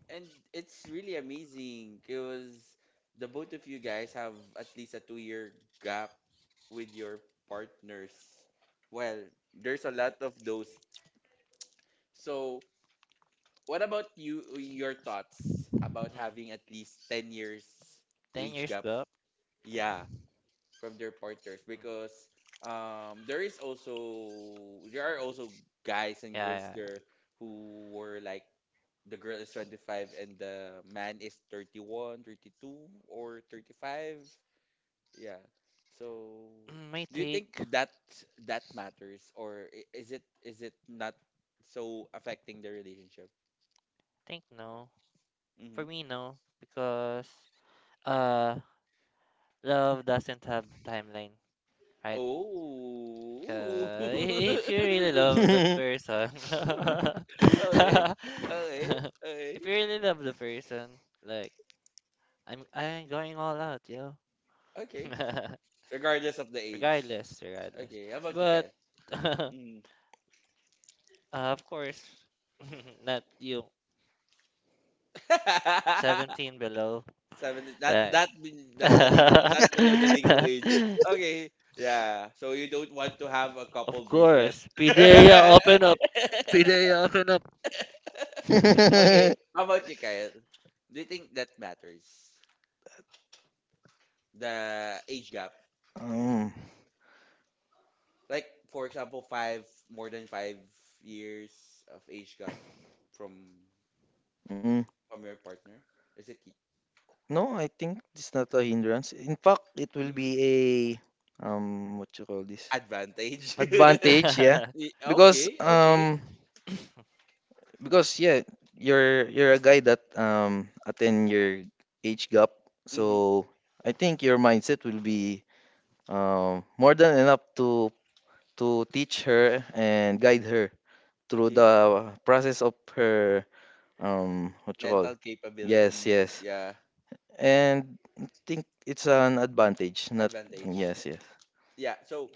And it's really amazing because the both of you guys have at least a 2 year gap with your partners. Well, there's a lot of those. So, what about you? Your thoughts about having at least 10 years
10
age
years
gap?
gap?
Yeah, from their partners
Mm.
because there is also there are also guys and
Yeah, yeah,
girls
yeah.
there who were like the girl is 25 and the man is 31, 32, or 35. Yeah. So
My
mm, do you
take,
think
I
that that matters or is it not so affecting the relationship?
think no.
For hmm no.
For me, no. Because, uh, love doesn't have timeline, right?
So.
If you really love that person,
Oh. Okay. Okay. Okay.
if you really love the person, like I'm going all out, you
Okay.
know.
Regardless of the age.
Regardless, regardless.
Okay. How about you,
But
guys?
uh,
Mm.
of course, not you. 17 below,
Seven. That
right?
that be- that the legal that below the legal age. Okay. Yeah. So you don't want to have a
Of
couple bracelet.
course, Pidea, open up. Pidea, open up. Mhm.
Okay. How about you, Kyle? Do you think that matters? The age gap.
um,
Like for example, five more than 5 years of age gap from
mm.
from your partner. Is it
No, I think it's not a hindrance. In fact, it will
mm-hmm.
be a what you call this?
Advantage?
Advantage, yeah. Because
Okay. Okay.
um because yeah, you're a guy that attend your age gap.
Mm-hmm.
So I think your mindset will be more than enough to teach her and guide her through
Okay.
the process of her what you call.
Mental
Yes,
capabilities.
yes.
Yeah.
And I think it's an advantage. Not
Advantage.
yes, yes.
Yeah. So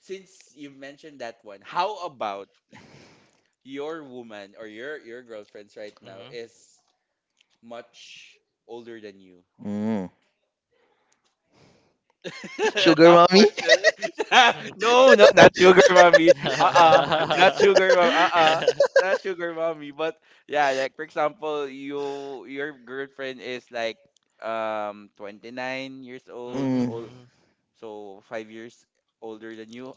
since you mentioned that one, how about your woman or your girlfriends right now
Mhm,
is much older than you?
Mm. Sugar
Tough
mommy.
question. No, no, not sugar mommy. Uh-uh. Not
mhm.
sugar mom. Uh-uh. Not sugar mommy. But yeah, like for example, you your girlfriend is like 29 years old,
Mm.
old so 5 years older than you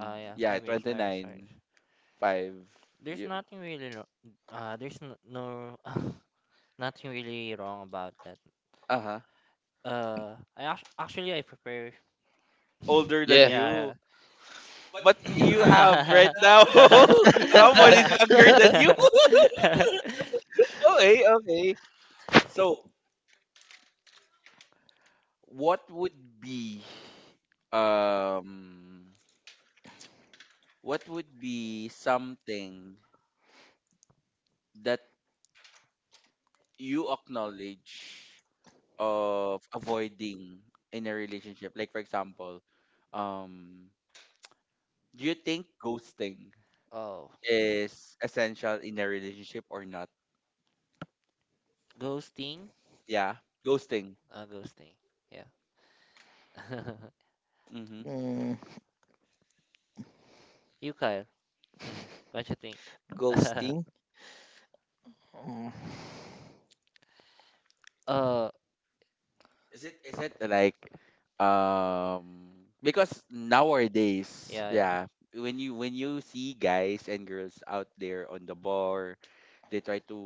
Oh yeah,
yeah,
5 years, 5 years, five
29.
years.
Five
There's
year.
nothing really, there's no, no nothing really wrong about that.
Uh huh.
Actually I prepare.
Older than
Yeah, yeah.
you. But you have right now. Someone is younger than you. Okay, okay. So, what would be um what would be something that you acknowledge of avoiding in a relationship? Like for example, um do you think ghosting
Oh,
is essential in a relationship or not?
ghosting.
Yeah, ghosting.
Ghosting. Yeah.
Mhm.
Mm.
You, Kyle. What you think? uh,
Ghosting. Mm.
Is it like um because nowadays,
yeah, yeah,
yeah, when you see guys and girls out there on the bar, they try to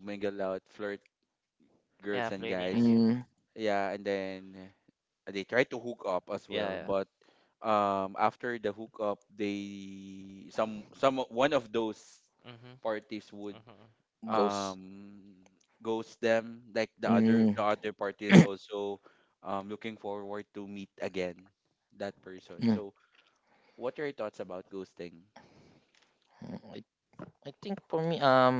mingle out, flirt girls
yeah.
and
Flirting
guys.
with you.
Mm.
Yeah, and then they try to hook up as
Yeah,
well,
yeah.
but after the hook up, they some one of those
Mhm,
parties would
mhm.
Ghost.
um ghost them like
Mm.
the other party is also looking forward to meet again that person, so what are your thoughts about ghosting?
Mm. I think for me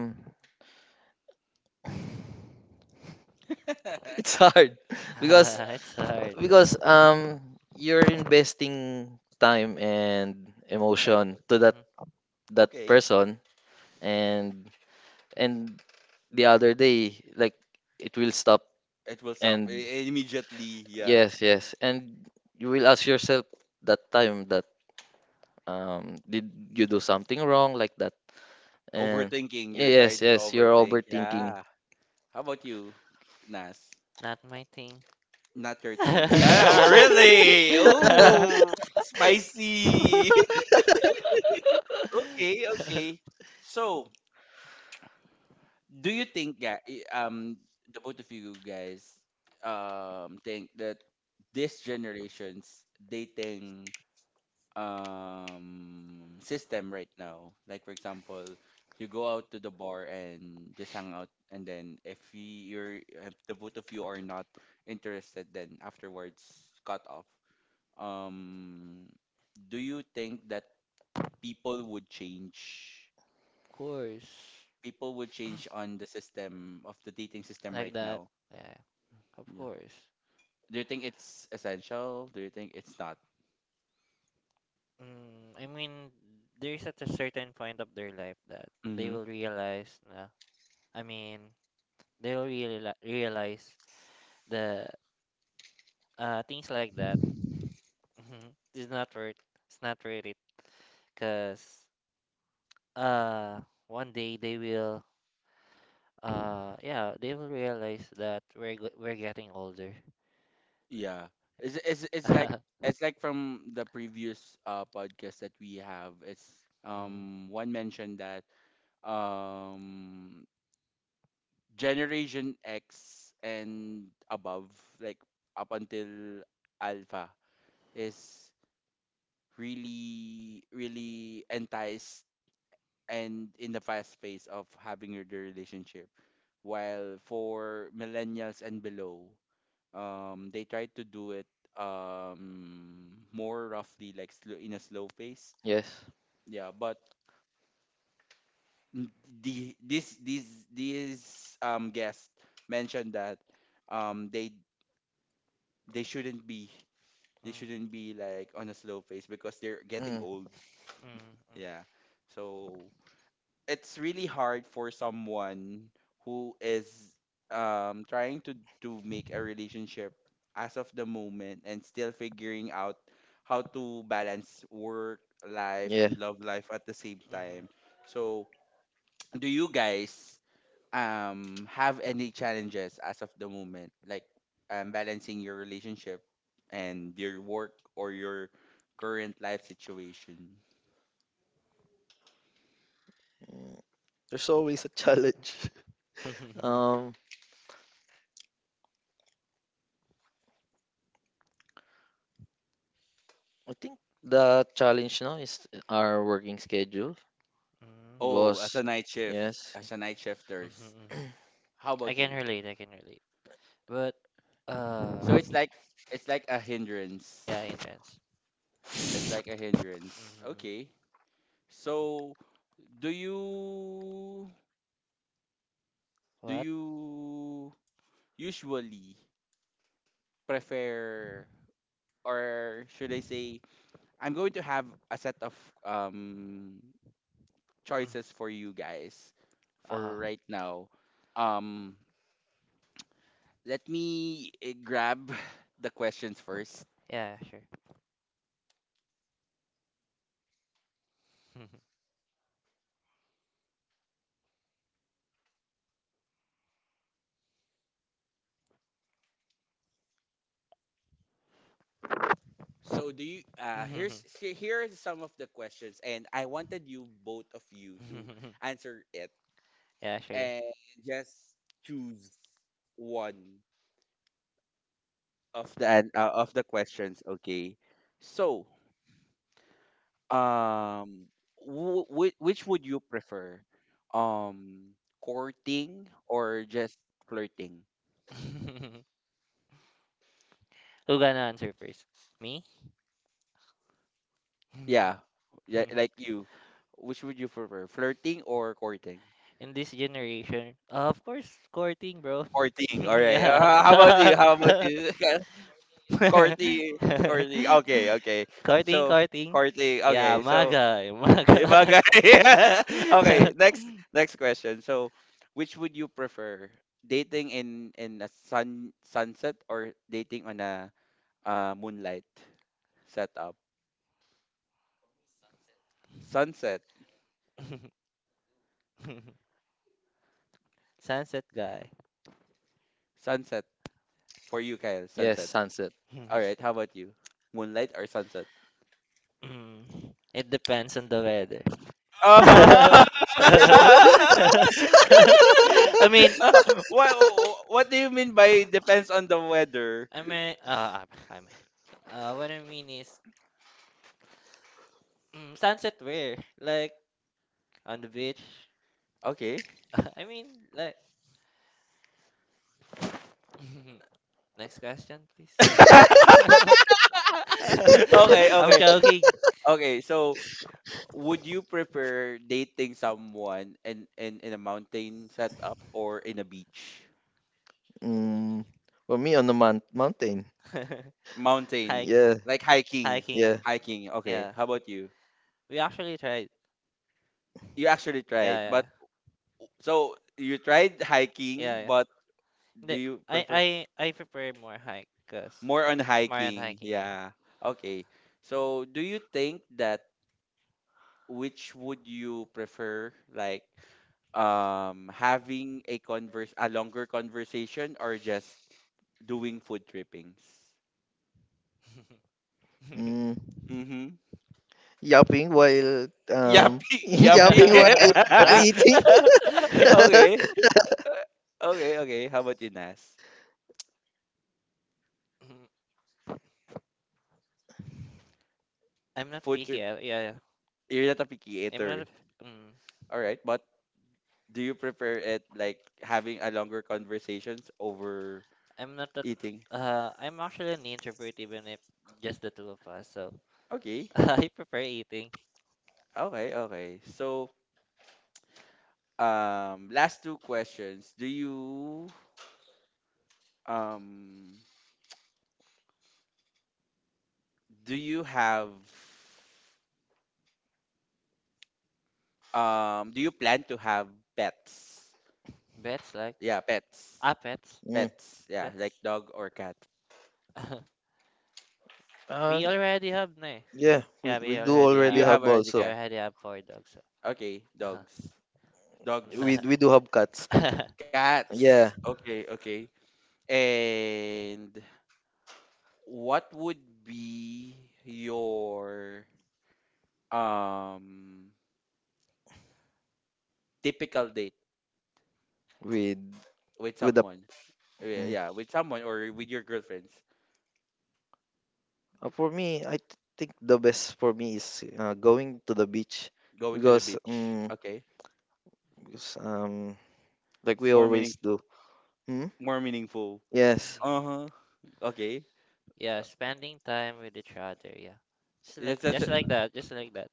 it's hard because
It's hard, bro.
you're investing time and
Yeah,
emotion
effort.
to that
Mhm.
that
Okay,
person and and the other day like it will stop
it will stop
and
immediately, yeah.
yes yes and you will ask yourself that time that did you do something wrong like that and
Overthinking, you're trying
yes
to
yes you're
overthink,
overthinking
yeah. How about you, Nas?
Not my thing.
Not your thing. No, really? Oh, spicy. Okay, okay. So do you think that um the both of you guys think that this generation's dating system right now, like for example, you go out to the bar and just hang out and then if you're if the both of you are not interested then afterwards cut off, um do you think that people would change
Of course,
people would change on the system of the dating system
like
right
that.
now?
Yeah, of
Yeah.
course.
Do you think it's essential? Do you think it's not?
Mm, I mean, there's at a certain point of their life that they
Mm-hmm.
will realize. Nah, I mean, they will really realize the things like that is not worth, it's not worth it because uh one day they will yeah they will realize that we're getting older.
Yeah. It's like
Mm,
it's like from the previous podcast that we have. It's one mentioned that um generation X and above, like up until alpha, is really enticed and in the fast pace of having the relationship. While for millennials and below they try to do it more roughly like slow, in a slow pace,
yes
yeah, but n- the this these guests mentioned that um they they shouldn't be they
mm,
shouldn't be like on a slow pace because they're getting
Mm.
old,
mm,
yeah. So it's really hard for someone who is trying to make a relationship as of the moment and still figuring out how to balance work life
Yeah,
and love life at the same
mm,
time. So, do you guys have any challenges as of the moment like balancing your relationship and your work or your current life situation?
there's always a challenge.
mhm.
Um, I think the challenge now is our working schedule
Oh, as
because
a night shift,
yes,
as a night
Mm, mhm,
shifters.
mhm.
How
I
about
can
you?
relate I can relate but
So
uh
it's like a hindrance.
yeah in dance.
It's like a hindrance.
Mm-hmm.
Okay. So do you do
What?
you usually prefer or should I say I'm going to have a set of um
Mm.
choices for you guys
Uh,
for right now. Um let me eh, grab the questions first.
yeah, sure.
So do you here's here are some of the questions and I wanted you both of you to answer it
Yeah, sure.
and just choose one of the of the questions, okay? So, um which would you prefer? Um courting or just flirting?
Who gonna answer first? Me?
Yeah. Yeah, like you. Which would you prefer? Flirting or courting?
In this generation, of course, courting, bro.
Courting. All right.
Yeah.
How about you? How about you? Courting. Courting. Okay. Okay.
Courting,
So
courting.
courting.
Yeah,
Okay. So
maga, eh, maga.
bagay. Okay. Next. Next question. So, which would you prefer? Dating in a sunset or dating on a moonlight setup? Sunset.
Sunset guy.
Sunset for you, Kyle.
yes,
Sunset.
sunset.
All right. How about you? Moonlight or sunset?
Mm, it depends on the weather.
Uh-huh.
I mean,
Uh, what what do you mean by depends on the weather?
I mean, uh, I mean, what I mean is, mm, sunset where? Like on the beach?
Okay.
I mean, like. Next question, please.
Okay,
I'm
okay.
joking.
Okay, so would you prefer dating someone in, in a mountain setup or in a beach?
Mm, for me on the mountain.
Mountain,
Hike,
Yeah,
like hiking.
hiking.
yeah.
Hiking. Okay,
Yeah,
how about you?
we actually tried.
You actually tried,
Yeah,
but so you tried
yeah, yeah,
hiking, but
yeah.
do
The,
you prefer
I prefer more hike, cause
more on
more on
hiking?
hiking, yeah.
Yeah. Okay. So, do you think that which would you prefer, like having a converse a longer conversation or just doing food trippings?
Mm,
Mm-hmm.
yapping while um
Yuppie, yuppie.
yapping while eating.
Yeah.
okay okay okay, how about you, Nas?
Mm, I'm not
Food
picky.
trip.
Yeah, yeah, yeah.
You're not a picky
I'm not a,
eater.
mm,
All right, but do you prefer it, like, having a longer conversations over
I'm not that
eating?
I'm actually an introvert even if just the two of us. So
okay
I prefer eating
okay okay. So last two questions. Do you um do you have do you plan to have pets?
pets like
Yeah, pets.
ah pets.
mm.
Pets, yeah, like
Pets.
dog or cat?
Uh,
We already have na, eh.
Yeah, we,
Yeah,
we do already
You have
have
already
we
also.
cat?
already have four dogs.
Okay,
So.
dogs.
We
Dogs,
we do have cats. Yeah,
cats. Okay, okay. And what would be your um typical date
with
with
with the.
someone? Yeah,
Mm.
yeah, with someone or with your girlfriends?
For me, I think the best for me is going to the beach
Going to the
because
beach. Okay.
because um like
It's
we
more
always do.
meaningful.
Hmm?
More meaningful.
Yes,
Uh-huh. Okay.
Yeah,
Uh,
spending time with each other. Yeah,
that's
just like that, just like that.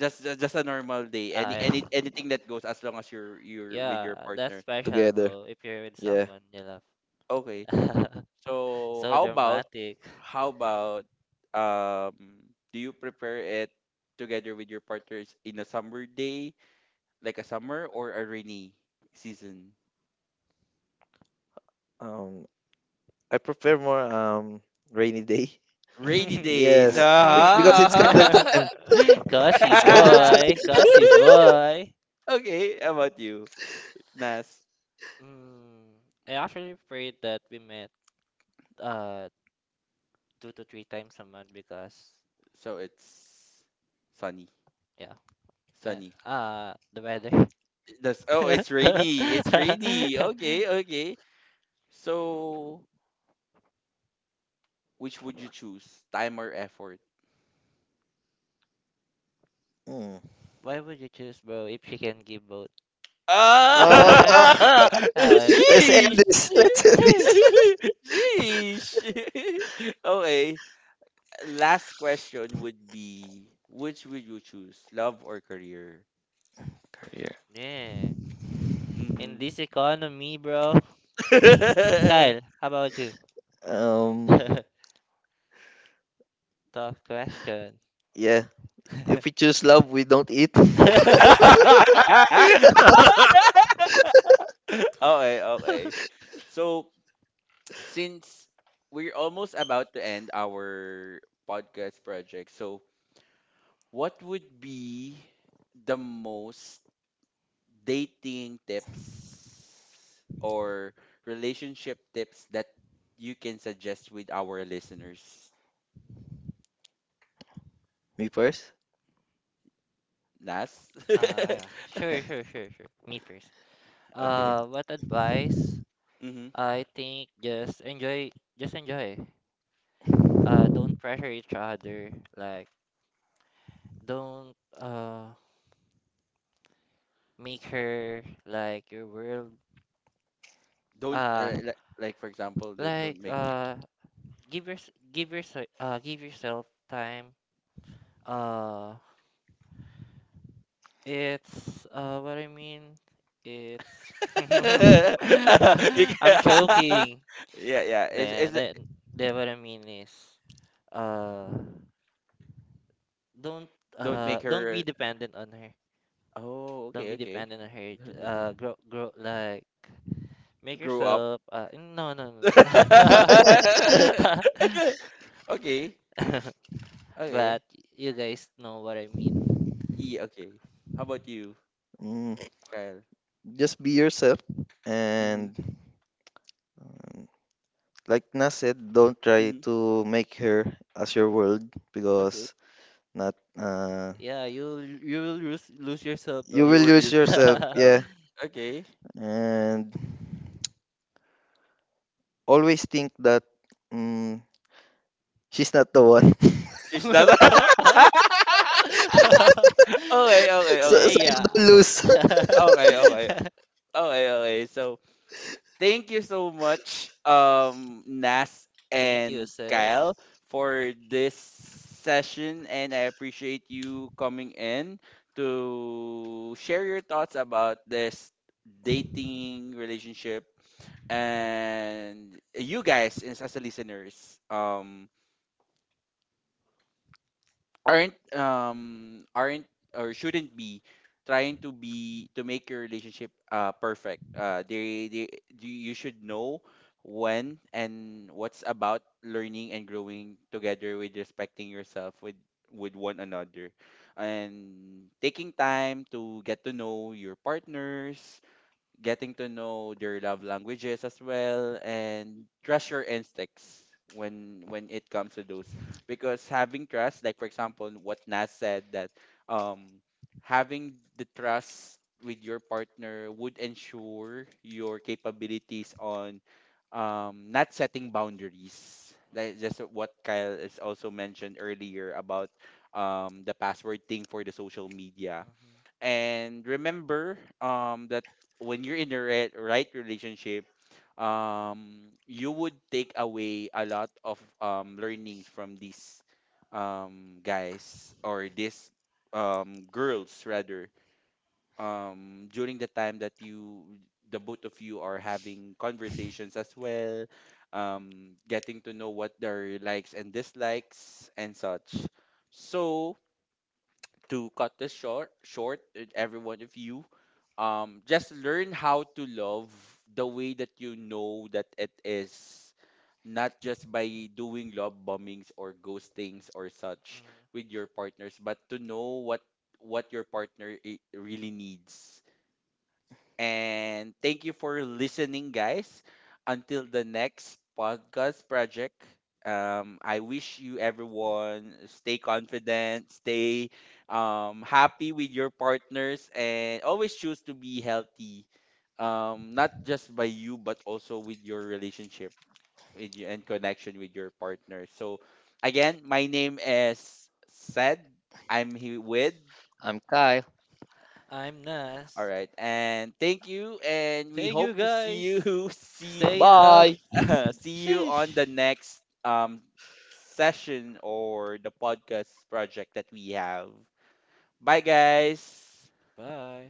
just a normal day. Any
Uh,
any anything that goes, as long as you're with your
yeah, that's
partner.
special,
together.
bro. If you're with
Yeah.
someone you love.
Okay. So
So dramatic.
how about do you prepare it together with your partners in a summer day, like a summer or a rainy season?
Um, I prefer more rainy day.
Rainy days.
Yes,
Uh-huh,
because it's
uh-huh.
cuddle time.
Cussy
It's cuddle
boy,
time.
cussy boy.
Okay, how about you? Nas.
Mm, I actually prayed that we met uh 2 to 3 times a month because
So it's sunny.
yeah,
Sunny.
uh, the weather.
That's, oh, it's rainy. It's rainy. Okay, okay. So which would you choose? Time or effort?
Mm.
Why would you choose bro, if she can give both?
Ah.
Uh,
Yeah. Uh,
let's
Sheesh.
end this. Let's end this.
eesh,
Sheesh. Okay. Last question would be, which would you choose? Love or career?
Career.
man. In
Mm-hmm.
this economy, bro. Kyle, how about you?
Um,
Tough question.
yeah. If we choose love, we don't eat.
Okay, okay. So, since we're almost about to end our podcast project, so what would be the most dating tips or relationship tips that you can suggest with our listeners?
Me first.
Nas?
Ah, yeah. Sure, sure, sure, sure. Me first.
Okay.
What advice?
Mm-hmm.
I think just enjoy, just enjoy. Don't pressure each other. Like, don't make her like your world.
Don't,
Uh,
like, for example, don't
like
don't make.
uh give your give your Give yourself time. Uh it's what I mean it's
You
I'm
ca-
joking.
yeah, yeah. Is
Then
is
that then what I mean is uh don't
don't make
Don't be
her.
dependent on her,
Oh,
don't
okay,
be
okay.
dependent on her. Grow grow like Make
Grow up.
yourself no no no no.
Okay, okay.
But you guys know what I mean.
Yeah, okay. How about you,
Mm,
Kyle?
Just be yourself.
Mm-hmm.
And um, like Nas said, don't try
Mm-hmm.
to make her as your world
Okay.
because not
Yeah, you will lose yourself,
you
bro.
will
You were
lose
using
yourself.
yourself.
Yeah.
Okay.
And always think that mm she's not the one.
She's not. Okay, okay,
so
okay.
you
Leia.
don't lose.
Okay, okay. Okay, okay. So thank you so much, Nas
Thank you,
and
Sid.
Kyle, for this session, and I appreciate you coming in to share your thoughts about this dating relationship and you guys as the listeners. Um, aren't or shouldn't be trying to be to make your relationship perfect they do, you should know when and what's about learning and growing together with respecting yourself with one another, and taking time to get to know your partners, getting to know their love languages as well, and trust your instincts when it comes to those, because having trust, like for example, what Nas said, that um having the trust with your partner would ensure your capabilities on not setting boundaries,
Hmm.
like just what Kyle is also mentioned earlier about the password thing for the social media.
Mhm.
And remember that when you're in the re- right relationship, you would take away a lot of learnings from these guys, or these girls rather, during the time that you the both of you are having conversations as well, getting to know what their likes and dislikes and such. So, to cut this short short, every one of you, just learn how to love the way that you know that it is, not just by doing love bombings or ghostings or such
Mhm.
with your partners, but to know what your partner I- really needs. And thank you for listening, guys. Until the next podcast project, I wish you everyone stay confident, stay happy with your partners, and always choose to be healthy, not just by you, but also with your relationship with you, and connection with your partner. So, again, my name is Sed. I'm here with.
I'm Kyle.
I'm
All
Nas.
right, and thank you, and we
Thank you
hope to see you
guys.
see
Stay in love.
Bye.
see you on the
Sheesh.
next session or the podcast project that we have. Bye, guys.
Bye.